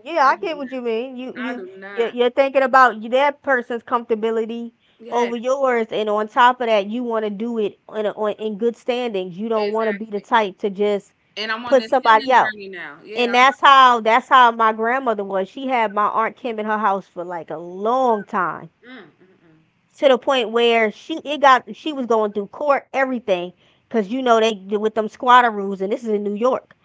S2: Yeah,
S1: I
S2: I
S1: do
S2: get what you mean. You
S1: not. I
S2: you
S1: do not.
S2: you're thinking about y- that person's comfortability
S1: Yeah,
S2: over yours, and on top of that, you want to do it in a, on, in good standings. You don't want to be the
S1: exactly.
S2: type to just
S1: And I'm on
S2: put
S1: this
S2: somebody
S1: healing
S2: out.
S1: journey now.
S2: And
S1: Yeah.
S2: that's how my grandmother was. She had my aunt Kim in her house for like a long time,
S1: I'm, mm, mm, mm.
S2: to the point where she it got she was going through court everything, cause you know they with them squatter rules, and this is in New York.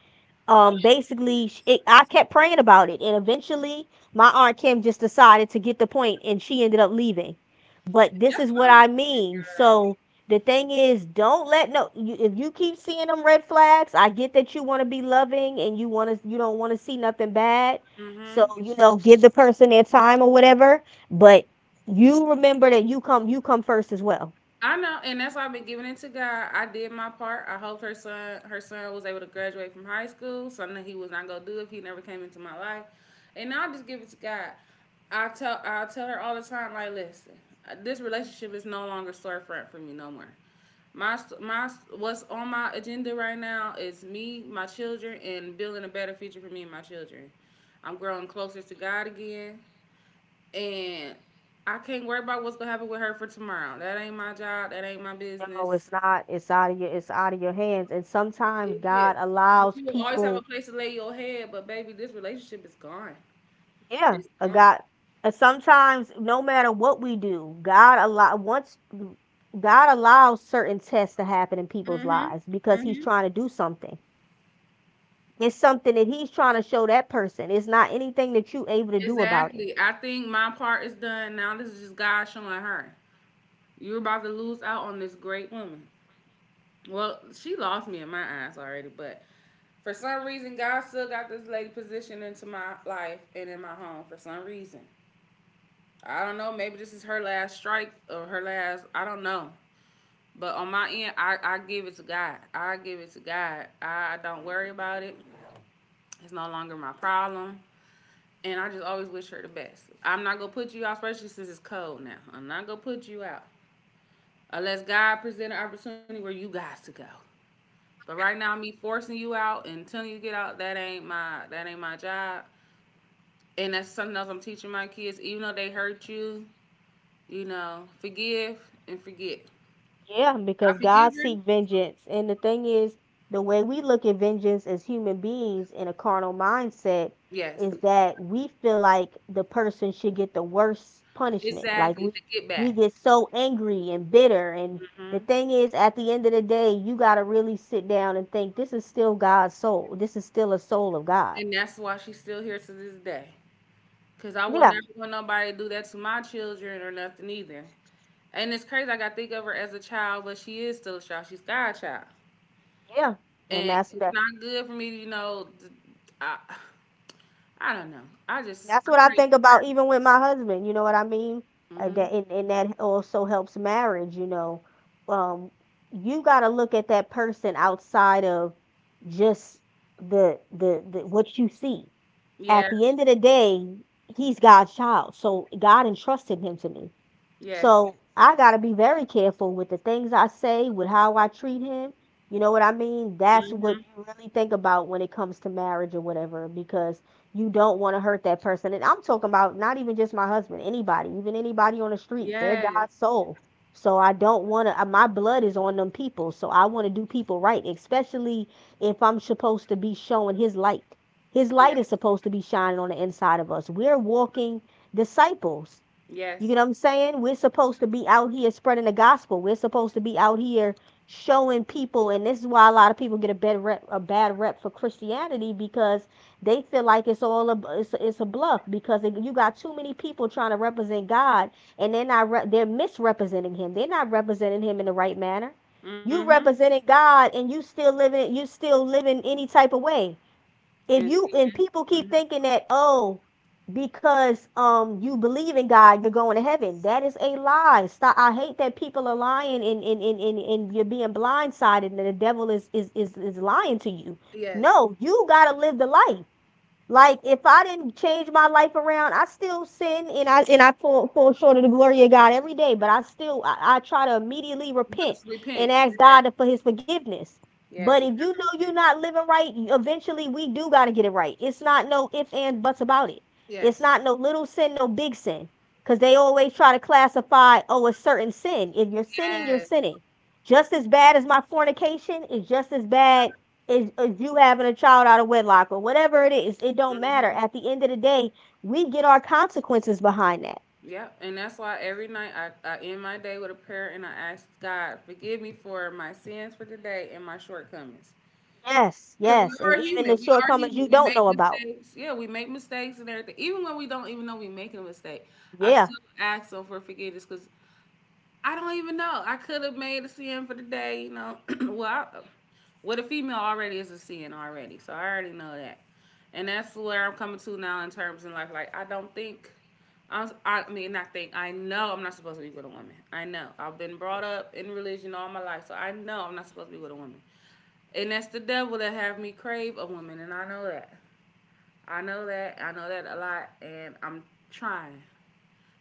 S1: Oh,
S2: Um, basically I
S1: goodness.
S2: kept praying about it, and eventually my aunt Kim just decided to get the point and she ended up leaving, but this
S1: That's
S2: is
S1: what
S2: what
S1: I'm
S2: I
S1: looking
S2: mean.
S1: for,
S2: So the thing is, don't let no you, if you keep seeing them red flags, I get that you want to be loving and you want to you don't want to see nothing bad,
S1: girl.
S2: so
S1: Mm-hmm.
S2: you know, give the person their time or whatever. But you remember that you come first as well.
S1: I know, and that's why I've been giving it to God. I did my part. I hoped her son was able to graduate from high school, something he was not gonna do if he never came into my life. And now I just give it to God. I tell her all the time, like, listen, this relationship is no longer storefront for me no more. My, my, what's on my agenda right now is me, my children, and building a better future for me and my children. I'm growing closer to God again, and I can't worry about what's gonna happen with her for tomorrow. That ain't my job. That ain't my business.
S2: No, it's not, it's out of your it's out of your hands, and sometimes
S1: It
S2: God
S1: is. But
S2: allows
S1: you will always have a
S2: people.
S1: place to lay your head. But baby, this relationship is gone.
S2: Yeah,
S1: It's
S2: a
S1: gone.
S2: God. And sometimes, no matter what we do, God allows certain tests to happen in people's
S1: Mhm.
S2: lives because He's
S1: Mhm.
S2: trying to do something. It's something that He's trying to show that person. It's not anything that you able to do about it.
S1: Exactly. I think my part is done. Now this is just God showing her you're about to lose out on this great woman. Well, she lost me in my eyes already, but for some reason, God still got this lady positioned into my life and in my home for some reason. I don't know. Maybe this is her last strike or her last. I don't know. But on my end, I give it to God. I give it to God. I don't worry about it. It's no longer my problem. And I just always wish her the best. I'm not gonna put you out, especially since it's cold now. I'm not gonna put you out unless God present an opportunity where you guys to go. But right now, me forcing you out and telling you to get out, that ain't my job. And that's something else I'm teaching my kids. Even though they hurt you, you know, forgive and forget.
S2: Yeah,
S1: I
S2: because
S1: forgive
S2: God
S1: her.
S2: seek vengeance. And the thing is, the way we look at vengeance as human beings in a carnal mindset
S1: Yes,
S2: is that we feel like the person should get the worst punishment. Like
S1: exactly. To
S2: we
S1: get
S2: we
S1: back.
S2: get so angry and bitter, and the
S1: hmm
S2: thing is at the end of the day, you got to really sit down and think this is still God's soul. This is still a soul of God.
S1: And that's why she's still here to this day. Because I will
S2: Yeah.
S1: never want nobody to do that to my children or nothing either. And it's crazy. Like, I think of her as a child, but she is still a child. She's God child.
S2: Yeah. And
S1: And
S2: that's
S1: it's
S2: that
S1: not good for me to, I, I don't know.
S2: that's
S1: I
S2: what I
S1: pray
S2: think about even with my husband, you know what I mean?
S1: for her. Hmm.
S2: That and that also helps marriage, you know. Um, you got to look at that person outside of just the, the what you see.
S1: Yeah.
S2: At the end of the day, he's God's child. So God entrusted him to me.
S1: Yes.
S2: So I gotta be very careful with the things I say, with how I treat him. You know what I mean? That's what
S1: Hmm.
S2: you really think about when it comes to marriage or whatever, because you don't want to hurt that person. And I'm talking about not even just my husband, anybody, even anybody on the street. They're
S1: Yes.
S2: God's soul. So I don't want to, my blood is on them people. So I want to do people right, especially if I'm supposed to be showing his light. His light
S1: Yes.
S2: is supposed to be shining on the inside of us. We're walking disciples. You
S1: Yes.
S2: get what I'm saying? We're supposed to be out here spreading the gospel. We're supposed to be out here showing people, and this is why a lot of people get a bad rep for Christianity because they feel like it's all a it's a bluff because it, you got too many people trying to represent God, and they're not re- they're misrepresenting Him. They're not representing Him in the right manner. You
S1: Hmm.
S2: representing God, and you still living any type of way if
S1: And
S2: you
S1: see,
S2: and people keep
S1: hmm,
S2: thinking that oh because you believe in God you're going to heaven, that is a lie. Stop. I hate that people are lying, and you're being blindsided and the devil is is lying to you.
S1: yes.
S2: No, you got to live the life. Like if I didn't change my life around, I still sin, and I fall, fall short of the glory of God every day. But I still I try to immediately
S1: Let
S2: repent
S1: us repent.
S2: and ask
S1: Yeah.
S2: God for His forgiveness. But
S1: Yes, you
S2: if you
S1: have to
S2: know you're
S1: repent.
S2: not living right, you- eventually we do got to get it right. It's not no if and buts about it. It's
S1: Yes.
S2: not no little sin, no big sin, because they always try to classify oh a certain sin. If you're sinning, you're
S1: Yes.
S2: sinning. Just as bad as my fornication is just as bad is you having a child out of wedlock or whatever it is, it don't matter.
S1: Hmm.
S2: At the end of the day, we get our consequences behind that.
S1: Yep. And that's why every night I end my day with a prayer and I ask God, forgive me for my sins for today and my shortcomings.
S2: Yes,
S1: Because we
S2: yes. And
S1: are
S2: even the
S1: human. We are
S2: shortcomings
S1: human.
S2: you
S1: We
S2: don't
S1: make
S2: know about.
S1: mistakes. Yeah, we make mistakes and everything. Even when we don't even know we making a mistake, I
S2: Yeah.
S1: still ask them for forgiveness because I don't even know. I could have made a sin for the day, you know. With a female already is a sin already, so I already know that, and that's where I'm coming to now in terms in life. I think I know I'm not supposed to be with a woman. I know I've been brought up in religion all my life, so I know I'm not supposed to be with a woman, and that's the devil that have me crave a woman, and I know that. I know that. I know that a lot, and I'm trying.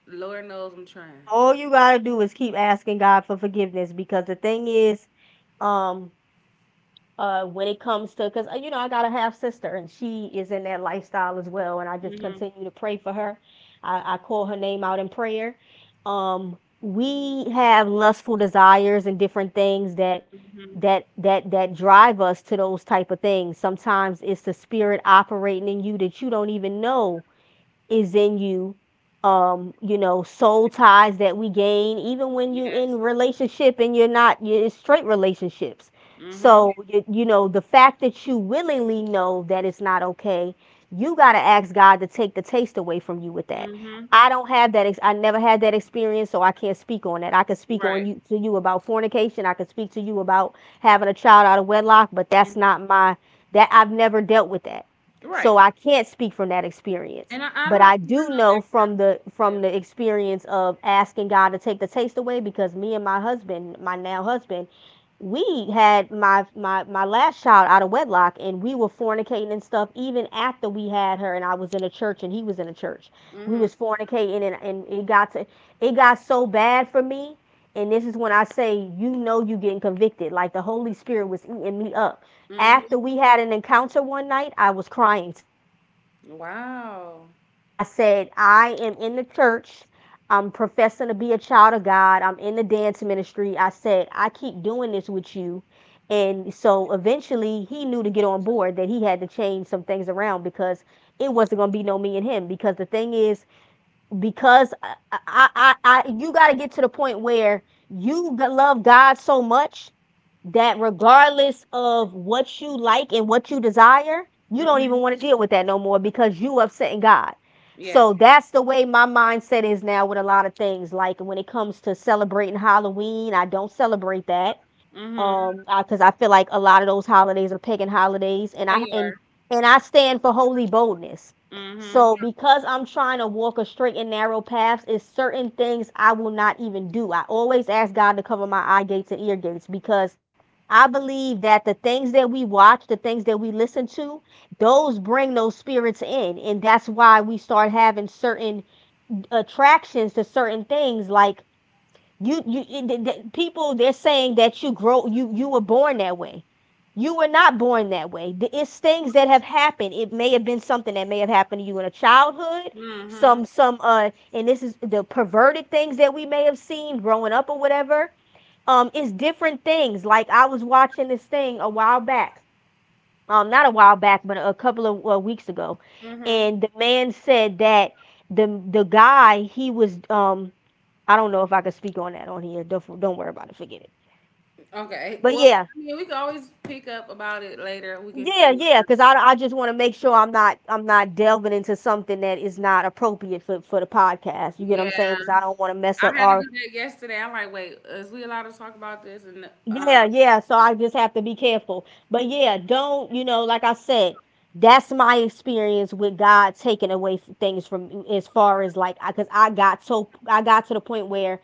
S1: The Lord knows I'm trying.
S2: All you gotta do is keep asking God for forgiveness because the thing is, um, when it comes to, because you know, I got a half sister and she is in that lifestyle as well, and I just
S1: Mhm.
S2: continue to pray for her. I call her name out in prayer. We have lustful desires and different things that
S1: Mhm.
S2: that that drive us to those type of things. Sometimes it's the spirit operating in you that you don't even know is in you. You know, soul ties that we gain even when you
S1: Yes.
S2: in relationship and you're not, you're in straight relationships.
S1: Mhm.
S2: So you know the fact that you willingly know that it's not okay. You got to ask God to take the taste away from you with that.
S1: Mhm.
S2: I don't have that I never had that experience, so I can't speak on that. I could speak
S1: Right.
S2: on you, to you about fornication. I could speak to you about having a child out of wedlock, but that's
S1: Mhm.
S2: not my that I've never dealt with that.
S1: Right.
S2: So I can't speak from that experience.
S1: And I don't
S2: But
S1: know.
S2: I
S1: I
S2: do
S1: know
S2: know
S1: that
S2: from the
S1: kind of
S2: from the experience of asking God to take the taste away, because me and my husband, my now husband, we had my last child out of wedlock, and we were fornicating and stuff even after we had her, and I was in a church and he was in a church.
S1: conceals
S2: We
S1: them.
S2: was fornicating, and it got to it got so bad for me. And this is when I say, you know, you getting convicted. Like the Holy Spirit was eating me up.
S1: Mhm.
S2: After we had an encounter one night, I was crying to him and I said, I
S1: Mhm.
S2: can't do this no more.
S1: Wow.
S2: I said, I am in the church. I'm professing to be a child of God. I'm in the dance ministry. I said, I keep doing this with you. And so eventually he knew to get on board, that he had to change some things around, because it wasn't going to be no me and him. Because the thing is, because I you got to get to the point where you love God so much that regardless of what you like and what you desire, you don't
S1: Mhm.
S2: even want to deal with that no more because you upsetting God.
S1: Yes.
S2: So that's the way my mindset is now with a lot of things. Like when it comes to celebrating Halloween, I don't celebrate that,
S1: Mhm.
S2: 'cause I feel like a lot of those holidays are pagan holidays, and I
S1: They
S2: and
S1: are.
S2: and I stand for holy boldness.
S1: Mhm.
S2: So because I'm trying to walk a straight and narrow path, it's certain things I will not even do. I always ask God to cover my eye gates and ear gates, because I believe that the things that we watch, the things that we listen to, those bring those spirits in. And that's why we start having certain attractions to certain things. Like, you it- the- people, they're saying that you grow you you were born that way. You were not born that way. It's things that have happened. It may have been something that may have happened to you in a childhood.
S1: Mhm.
S2: Some And this is the perverted things that we may have seen growing up or whatever. It's different things. Like, I was watching this thing a while back. Not a while back, but a couple of weeks ago.
S1: Mhm.
S2: And the man said that the guy, he was I don't know if I could speak on that on here. Don't worry about it. Forget it.
S1: Okay.
S2: But
S1: Well, I mean, we can always pick up about it later. We can schedule.
S2: yeah. Because I just want to make sure I'm not delving into something that is not appropriate for the podcast. You get
S1: Yeah,
S2: what I'm saying? Because I
S1: I
S2: don't want to mess up
S1: had to
S2: our
S1: do that yesterday. I'm like, wait, is we allowed to talk about this? And
S2: yeah yeah. So I just have to be careful. But yeah, don't you know, like I said, that's my experience with God taking away things from me, as far as like, because I 'cause I got to the point where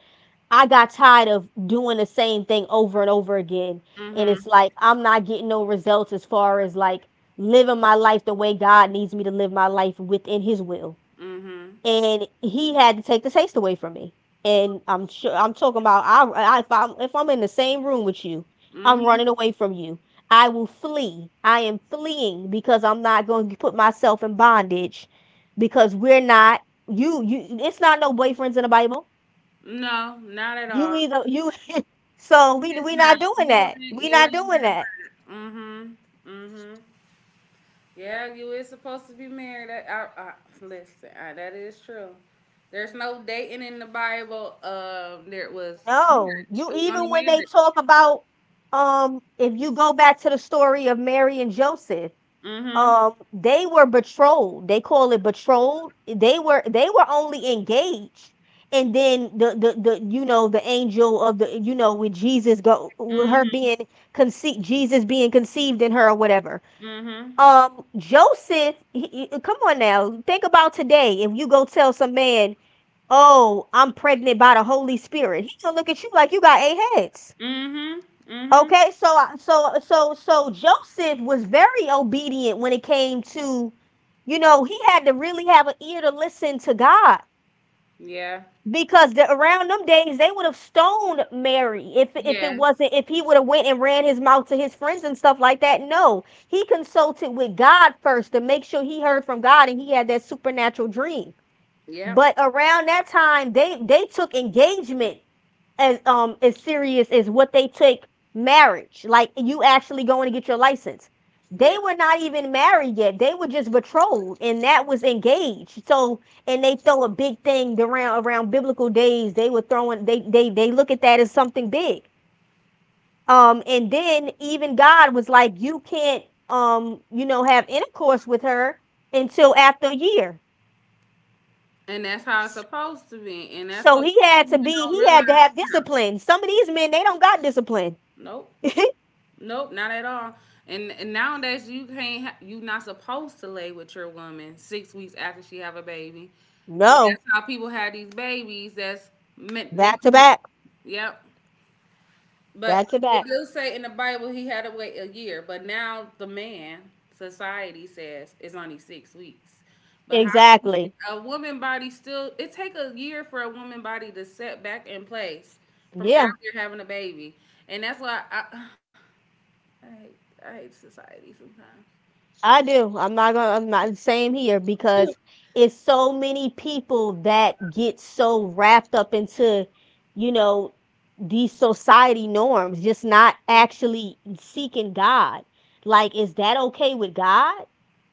S2: I got tired of doing the same thing over and over again. And
S1: mhm,
S2: it's like, I'm not getting no results, as far as like living my life the way God needs me to live my life within His will.
S1: mhm,
S2: And He had to take the taste away from me. And I'm sure I'm talking about I if I'm in the same room with you, I'm
S1: mhm.
S2: running away from you. I will flee. I am fleeing because I'm not going to put myself in bondage, because we're not you you it's not no boyfriends in the Bible.
S1: No, not at
S2: You
S1: all.
S2: either you so we
S1: Yes,
S2: we
S1: ma'am.
S2: not doing that. We
S1: You
S2: not
S1: ain't
S2: doing
S1: never
S2: that.
S1: married. Mhm. Mhm. Yeah, you is supposed to be married. I listen. That is true. There's no dating in the Bible. There was
S2: No.
S1: marriage.
S2: You,
S1: It was
S2: even
S1: only
S2: when they
S1: marriage.
S2: talk about, if you go back to the story of Mary and Joseph,
S1: Mhm.
S2: they were betrothed. They call it betrothed. They were, only engaged. And then the you know, the angel of the, you know, with Jesus, go with her
S1: Mhm.
S2: being conceived, Jesus being conceived in her or whatever.
S1: Mhm.
S2: Joseph, he, come on now, think about today. If you go tell some man, oh, I'm pregnant by the Holy Spirit, he's gonna look at you like you got eight heads.
S1: Mhm. Mhm.
S2: Okay, so Joseph was very obedient when it came to, you know, he had to really have an ear to listen to God.
S1: Yeah.
S2: Because around them days, they would have stoned Mary if it
S1: Yes.
S2: wasn't if he would have went and ran his mouth to his friends and stuff like that. No, he consulted with God first to make sure he heard from God, and he had that supernatural dream.
S1: Yep.
S2: But around that time, they took engagement as as serious as what they take marriage. Like, you actually going to get your license. They
S1: Yep.
S2: were not even married yet. They were just betrothed, and that was engaged. So, and they throw a big thing around, biblical days. They were throwing. They look at that as something big. And then even God was like, you can't, you know, have intercourse with her until after a year.
S1: And that's how it's supposed to be. And that's
S2: So
S1: what
S2: he had to
S1: women
S2: be,
S1: don't
S2: he
S1: realize.
S2: had to have discipline. Some of these men, they don't got discipline.
S1: Nope. Nope, not at all. And nowadays you can't ha- you not supposed to lay with your woman 6 weeks after she have a baby, but that's
S2: No,
S1: how people have these babies. That's neck
S2: back to
S1: to neck.
S2: back,
S1: Yep. But
S2: back to
S1: it
S2: back.
S1: does say in the Bible he had to wait a year, but now the man society says it's only 6 weeks. But how do you think
S2: Exactly.
S1: a woman body still? It take a year for a woman body to set back in place from
S2: Yeah,
S1: after having a baby, and that's why I hate, I hate society sometimes.
S2: I do. I'm not, same here, because it's so many people that get so wrapped up into, you know, these society norms, just not actually seeking God. Like, is that okay with God?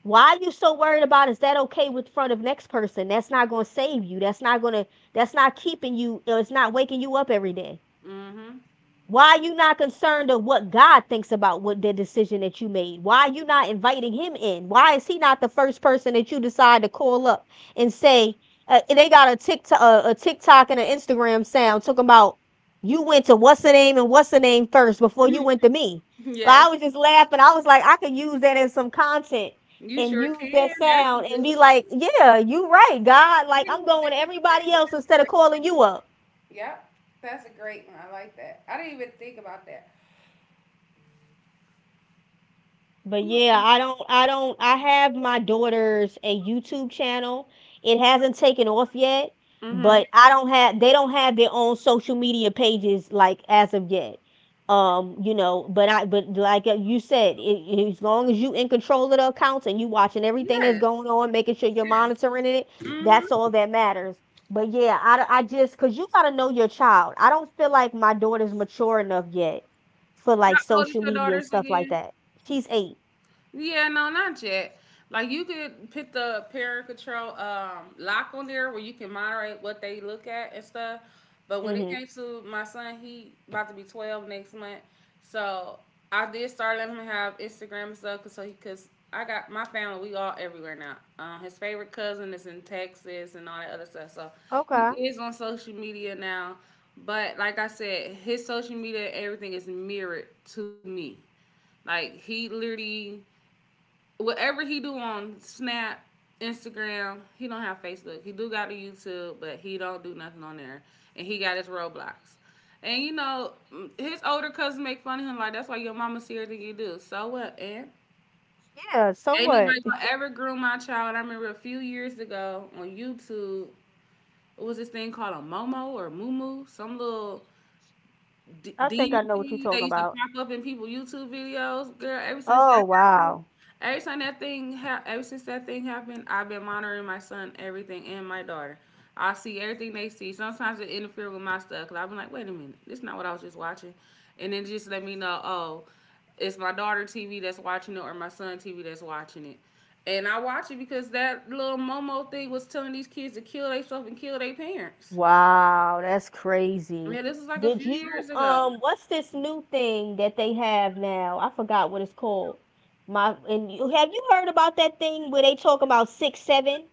S2: Why are you so worried about is that okay with front of next person? That's not gonna save you. That's not gonna that's not keeping you, or it's not waking you up every day.
S1: Mm-hmm.
S2: Why are you not concerned of what God thinks about what the decision that you made? Why are you not inviting him in? Why is he not the first person that you decide to call up and say, they got a TikTok and an Instagram sound, talking about you went to what's the name and what's the name first before you went to
S1: Mm-hmm.
S2: me. Like,
S1: Yes,
S2: I was just laughing. I was like, I could use that as some content
S1: you
S2: and
S1: sure
S2: use that
S1: can. That's a
S2: sound and
S1: good
S2: be like,
S1: one.
S2: yeah, you right, God.
S1: You
S2: Like,
S1: didn't
S2: I'm
S1: even
S2: going
S1: think
S2: to
S1: about
S2: everybody
S1: that.
S2: else instead of calling you up.
S1: Yeah, that's a great. Yep, that's a great one. I like that. I didn't even think about that.
S2: But yeah, I don't I don't I have my daughter's a YouTube channel. It hasn't taken off yet,
S1: Mm-hmm.
S2: but I don't have they don't have their own social media pages, like, as of yet. You know, but I but like, you said, it, as long as you in control of the accounts and you watching everything that's
S1: Yes,
S2: going on, making sure you're
S1: yes.
S2: monitoring it, that's
S1: Mm-hmm.
S2: all that matters. But yeah, I just, 'cause you gotta know your child. I don't feel like my daughter's mature enough yet for like
S1: How old is
S2: social
S1: your
S2: media
S1: daughters
S2: and stuff
S1: again?
S2: like that. She's 8.
S1: Yeah, no, not yet. Like you could put the parent control, lock on there where you can moderate what they look at and stuff. But when it
S2: Mhm.
S1: came to my son, he about to be 12 next month, so I did start letting him have Instagram and stuff, cause I got my family, we all everywhere now. His favorite cousin is in Texas and all that other stuff, so he
S2: Okay.
S1: is on social media now. But like I said, his social media, everything is mirrored to me. Like he literally whatever he do on Snap, Instagram, he don't have Facebook. He do got a YouTube, but he don't do nothing on there. And he got his Roblox. And you know, his older cousins make fun of him like that's why your mama serious than you do. So what, and
S2: Yeah, so
S1: ain't
S2: what?
S1: nobody gonna ever groom my child. I remember a few years ago on YouTube, it was this thing called a Momo or Moo Moo. Some little
S2: I think I
S1: demon
S2: know what you're
S1: thing that
S2: talking
S1: used to
S2: about.
S1: pop up in people YouTube videos, girl. Ever since
S2: Oh,
S1: that happened,
S2: wow.
S1: ever since that thing happened, I've been monitoring my son, everything, and my daughter. I see everything they see. Sometimes it interferes with my stuff because I've been like, wait a minute, this is not what I was just watching, and then just let me know, oh, it's my daughter TV that's watching it or my son TV that's watching it. And I watch it because that little Momo thing was telling these kids to kill themselves and kill their parents.
S2: Wow, that's crazy.
S1: Yeah, this was like a
S2: Did
S1: few
S2: you,
S1: years ago.
S2: what's this new thing that they have now? I forgot what it's called. My and You have, you heard about that thing where they talk about 6 7?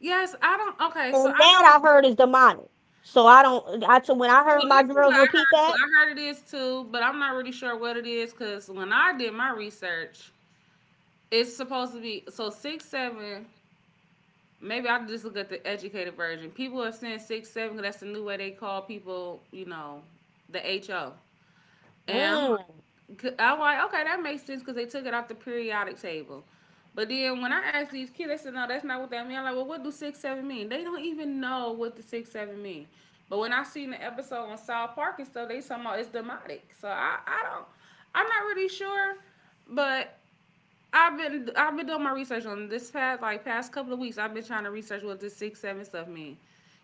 S1: Yes, I don't okay, so
S2: And
S1: I
S2: that I
S1: don't
S2: heard is demonic. So I don't I so when I
S1: so
S2: heard my
S1: this is what
S2: girls
S1: I
S2: repeat
S1: heard too.
S2: that,
S1: I heard it is too, but I'm not really sure what it is because when I did my research, it's supposed to be so six seven. Maybe I'll just look at the educated version. People are saying six seven 'cause that's the new way they call people, you know, the HO. And I'm,
S2: mm,
S1: like, c- I'm like, okay, that makes sense because they took it off the periodic table. But then when I asked these kids, they said, no, that's not what that means. I'm like, well, what do six seven mean? They don't even know what the six seven mean. But when I seen the episode on South Park and stuff, they talking about it's demonic. I'm not really sure. But I've been doing my research on this past like past couple of weeks. I've been trying to research what this six seven stuff mean.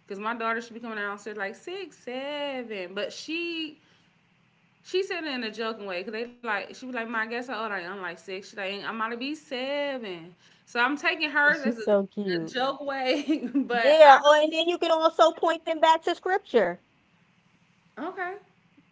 S1: Cause my daughter should be coming out and said like six seven, but she said it in a joking way because they like she was like, "My I guess how old I am?" I'm like six. She like, "I'm about to be seven. So I'm taking hers as
S2: she's so
S1: a
S2: cute.
S1: joke way, but
S2: Yeah,
S1: I
S2: oh, and then you can also point them back to scripture.
S1: don't. Okay,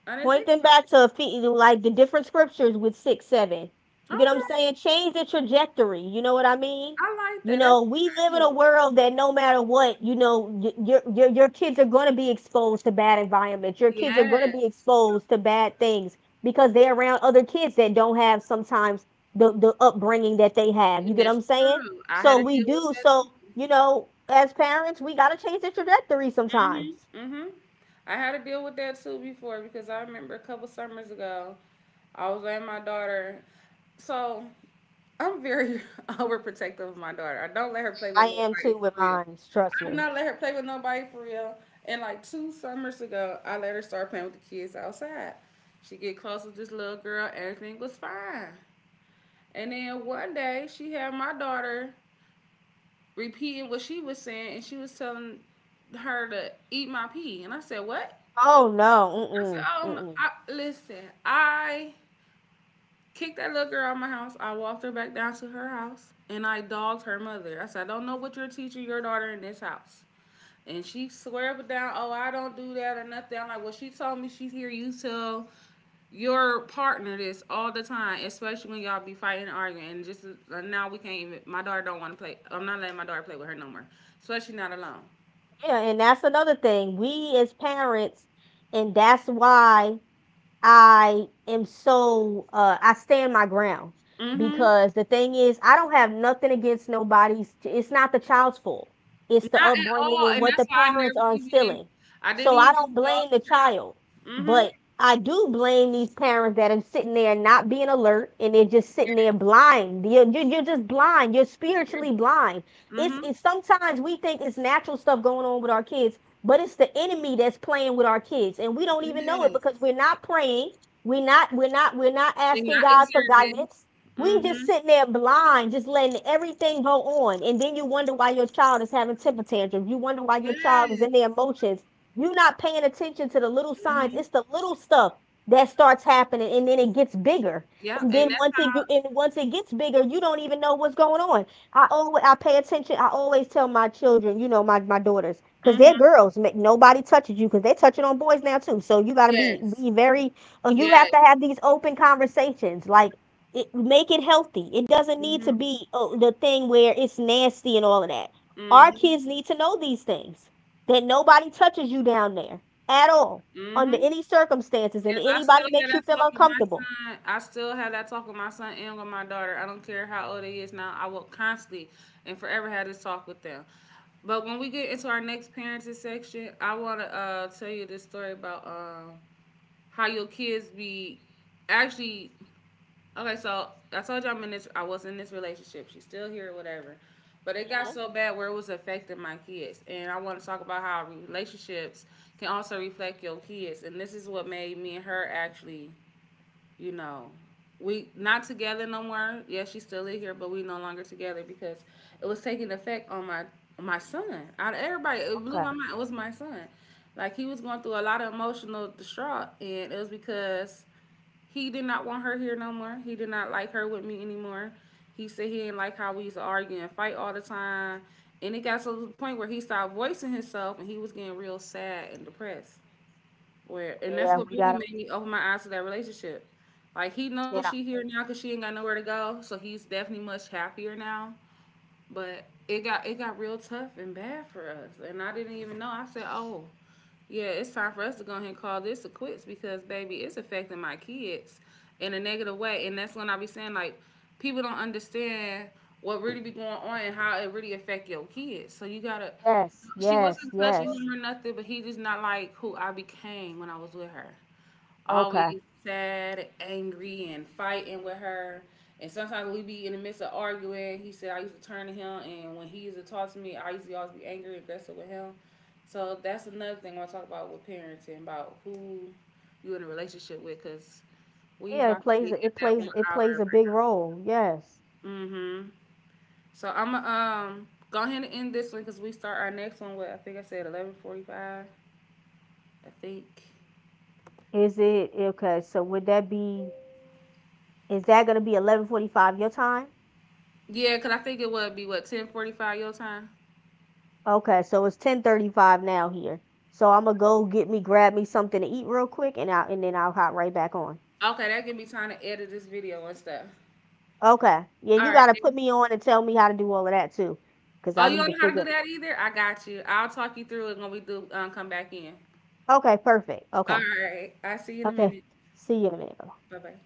S1: I didn't
S2: Point
S1: think
S2: them
S1: about
S2: back
S1: that.
S2: to, like, the different scriptures with 6, 7. You get what I'm
S1: Okay,
S2: saying? Change the trajectory. You know what I mean?
S1: I like
S2: You
S1: that. That's
S2: know, we
S1: a
S2: live in
S1: good
S2: a
S1: idea.
S2: world that no matter what, you know, your kids are going to be exposed to bad environments. Your kids are
S1: Yes,
S2: going to be exposed to bad things, because they're around other kids that don't have sometimes the upbringing that they have. You
S1: and
S2: get what
S1: that's
S2: I'm saying?
S1: true. I had
S2: So
S1: to
S2: we
S1: deal with
S2: do.
S1: that too.
S2: So you know, as parents, we got to change the trajectory
S1: Mhm.
S2: sometimes.
S1: Mhm. I had to deal with that too before because I remember a couple summers ago, I was letting my daughter. So I'm very overprotective of my daughter. I don't let her play
S2: I
S1: with
S2: am too
S1: nobody
S2: with
S1: for real.
S2: mine. Trust
S1: I
S2: me.
S1: do not let her play with nobody for real. And like two summers ago, I let her start playing with the kids outside. She get close with this little girl. Everything was fine. And then one day, she had my daughter repeating what she was saying, and she was telling her to eat my pee. And I said, "What?"
S2: Oh no,
S1: I said,
S2: mm-mm,
S1: "Oh, no,
S2: mm-mm.
S1: I, listen, I kicked that little girl out of my house. I walked her back down to her house and I dogged her mother. I said, I don't know what you're teaching your daughter in this house. And she swear up and down, oh, I don't do that or nothing. I'm like, well, she told me she's here. You tell your partner this all the time, especially when y'all be fighting and arguing. And just now we can't even, my daughter don't want to play. I'm not letting my daughter play with her no more, especially not alone.
S2: Yeah, and that's another thing. We as parents, and that's why I am so I stand my ground,
S1: Mm-hmm.
S2: because the thing is, I don't have nothing against nobody's, it's not the child's fault. It's the
S1: Not at
S2: upbringing
S1: all.
S2: and
S1: And
S2: what
S1: that's
S2: the
S1: why I
S2: parents
S1: never
S2: are
S1: even,
S2: instilling.
S1: I didn't
S2: So I
S1: even
S2: don't
S1: dog.
S2: blame the child, but
S1: Mm-hmm.
S2: I do blame these parents that are sitting there not being alert, and they're just sitting there blind. You're just blind. You're spiritually blind.
S1: Yes.
S2: It's sometimes we think it's natural stuff going on with our kids, but it's the enemy that's playing with our kids, and we don't
S1: Mm-hmm.
S2: even know it,
S1: Yes.
S2: because we're not praying, we're not
S1: And
S2: asking
S1: not
S2: God for
S1: observing.
S2: guidance. We just
S1: Mhm.
S2: sitting there blind, just letting everything go on. And then you wonder why your child is having temper tantrums, you wonder why your child is
S1: Yes.
S2: in their emotions. You're not paying attention to the little signs.
S1: Mhm.
S2: It's the little stuff that starts happening, and then it gets bigger.
S1: Yep,
S2: And
S1: and
S2: then
S1: that's
S2: once it
S1: how.
S2: and once it gets bigger, you don't even know what's going on. I pay attention. I always tell my children, you know, my daughters, because they're
S1: Mhm.
S2: girls, make nobody touches you, because they're touching on boys now too. So you gotta be,
S1: Yes.
S2: very. You have
S1: Yes.
S2: to have these open conversations. Like, make it healthy. It doesn't need to
S1: Mhm.
S2: be, oh, the thing where it's nasty and all of that. Our
S1: Mhm.
S2: kids need to know these things, that nobody touches you down there at all, under
S1: Mhm.
S2: any circumstances, and
S1: Yes, I still
S2: anybody
S1: hear
S2: makes
S1: that
S2: you feel
S1: talk with my
S2: uncomfortable.
S1: son. I still have that talk with my son and with my daughter. I don't care how old he is now. I will constantly and forever have this talk with them. But when we get into our next parenting section, I want to tell you this story about how your kids be actually. Okay, so I told you I'm in this. I was in this relationship. She's still here, whatever. But it got so bad where it was affecting my kids, and I want to talk about how relationships can also reflect your kids. And this is what made me and her actually, you know, we not together no more. Yeah, she's still in here, but we no longer together because it was taking effect on my son. Out of everybody, it blew my mind. It was my son. Like he was going through a lot of emotional distraught, and it was because he did not want her here no more. He did not like her with me anymore. He said he didn't like how we used to argue and fight all the time. And it got to the point where he stopped voicing himself and he was getting real sad and depressed. Where
S2: Yeah,
S1: and
S2: we
S1: that's what
S2: gotta.
S1: really made me open my eyes to that relationship. Like he
S2: You
S1: knows
S2: know.
S1: she here now because she ain't got nowhere to go, so he's definitely much happier now. But it got real tough and bad for us, and I didn't even know. I said, "Oh, yeah, it's time for us to go ahead and call this a quits because, baby, it's affecting my kids in a negative way. And that's when I be saying, like, people don't understand what really be going on and how it really affect your kids. So you gotta,
S2: Yes.
S1: she
S2: Yes.
S1: wasn't touching
S2: Yes.
S1: him or nothing, but he just not like who I became when I was with her,
S2: Okay.
S1: always sad, angry, and fighting with her. And sometimes we be in the midst of arguing. He said I used to turn to him, and when he used to talk to me, I used to always be angry, aggressive with him. So that's another thing I want to talk about with parenting, about who you in a relationship with, cause we
S2: Yeah, it
S1: about to
S2: plays
S1: be
S2: a,
S1: at that one
S2: it
S1: hour.
S2: plays a big role. Yes.
S1: Mm-hmm. So I'm gonna go ahead and end this one, cause we start our next one with I think I said 11:45. I think.
S2: Is it, okay, so would that be, is that gonna be 11:45 your time?
S1: Yeah, cause I think it would be what 10:45 your time.
S2: Okay, so it's 10:35 now here. So I'm gonna go get me, grab me something to eat real quick, and I and then I'll hop right back on.
S1: Okay, that give me time to edit this video and stuff.
S2: Okay. Yeah,
S1: All
S2: you
S1: right.
S2: gotta put
S1: Then.
S2: me on and tell me how to do all of that too, 'cause I
S1: Oh, you
S2: need
S1: don't
S2: to
S1: know how to do
S2: figure.
S1: that either? I got you. I'll talk you through it when we do come back in.
S2: Okay, perfect. Okay.
S1: All right. I'll see you in a
S2: Okay.
S1: minute.
S2: See you in a minute.
S1: Bye bye.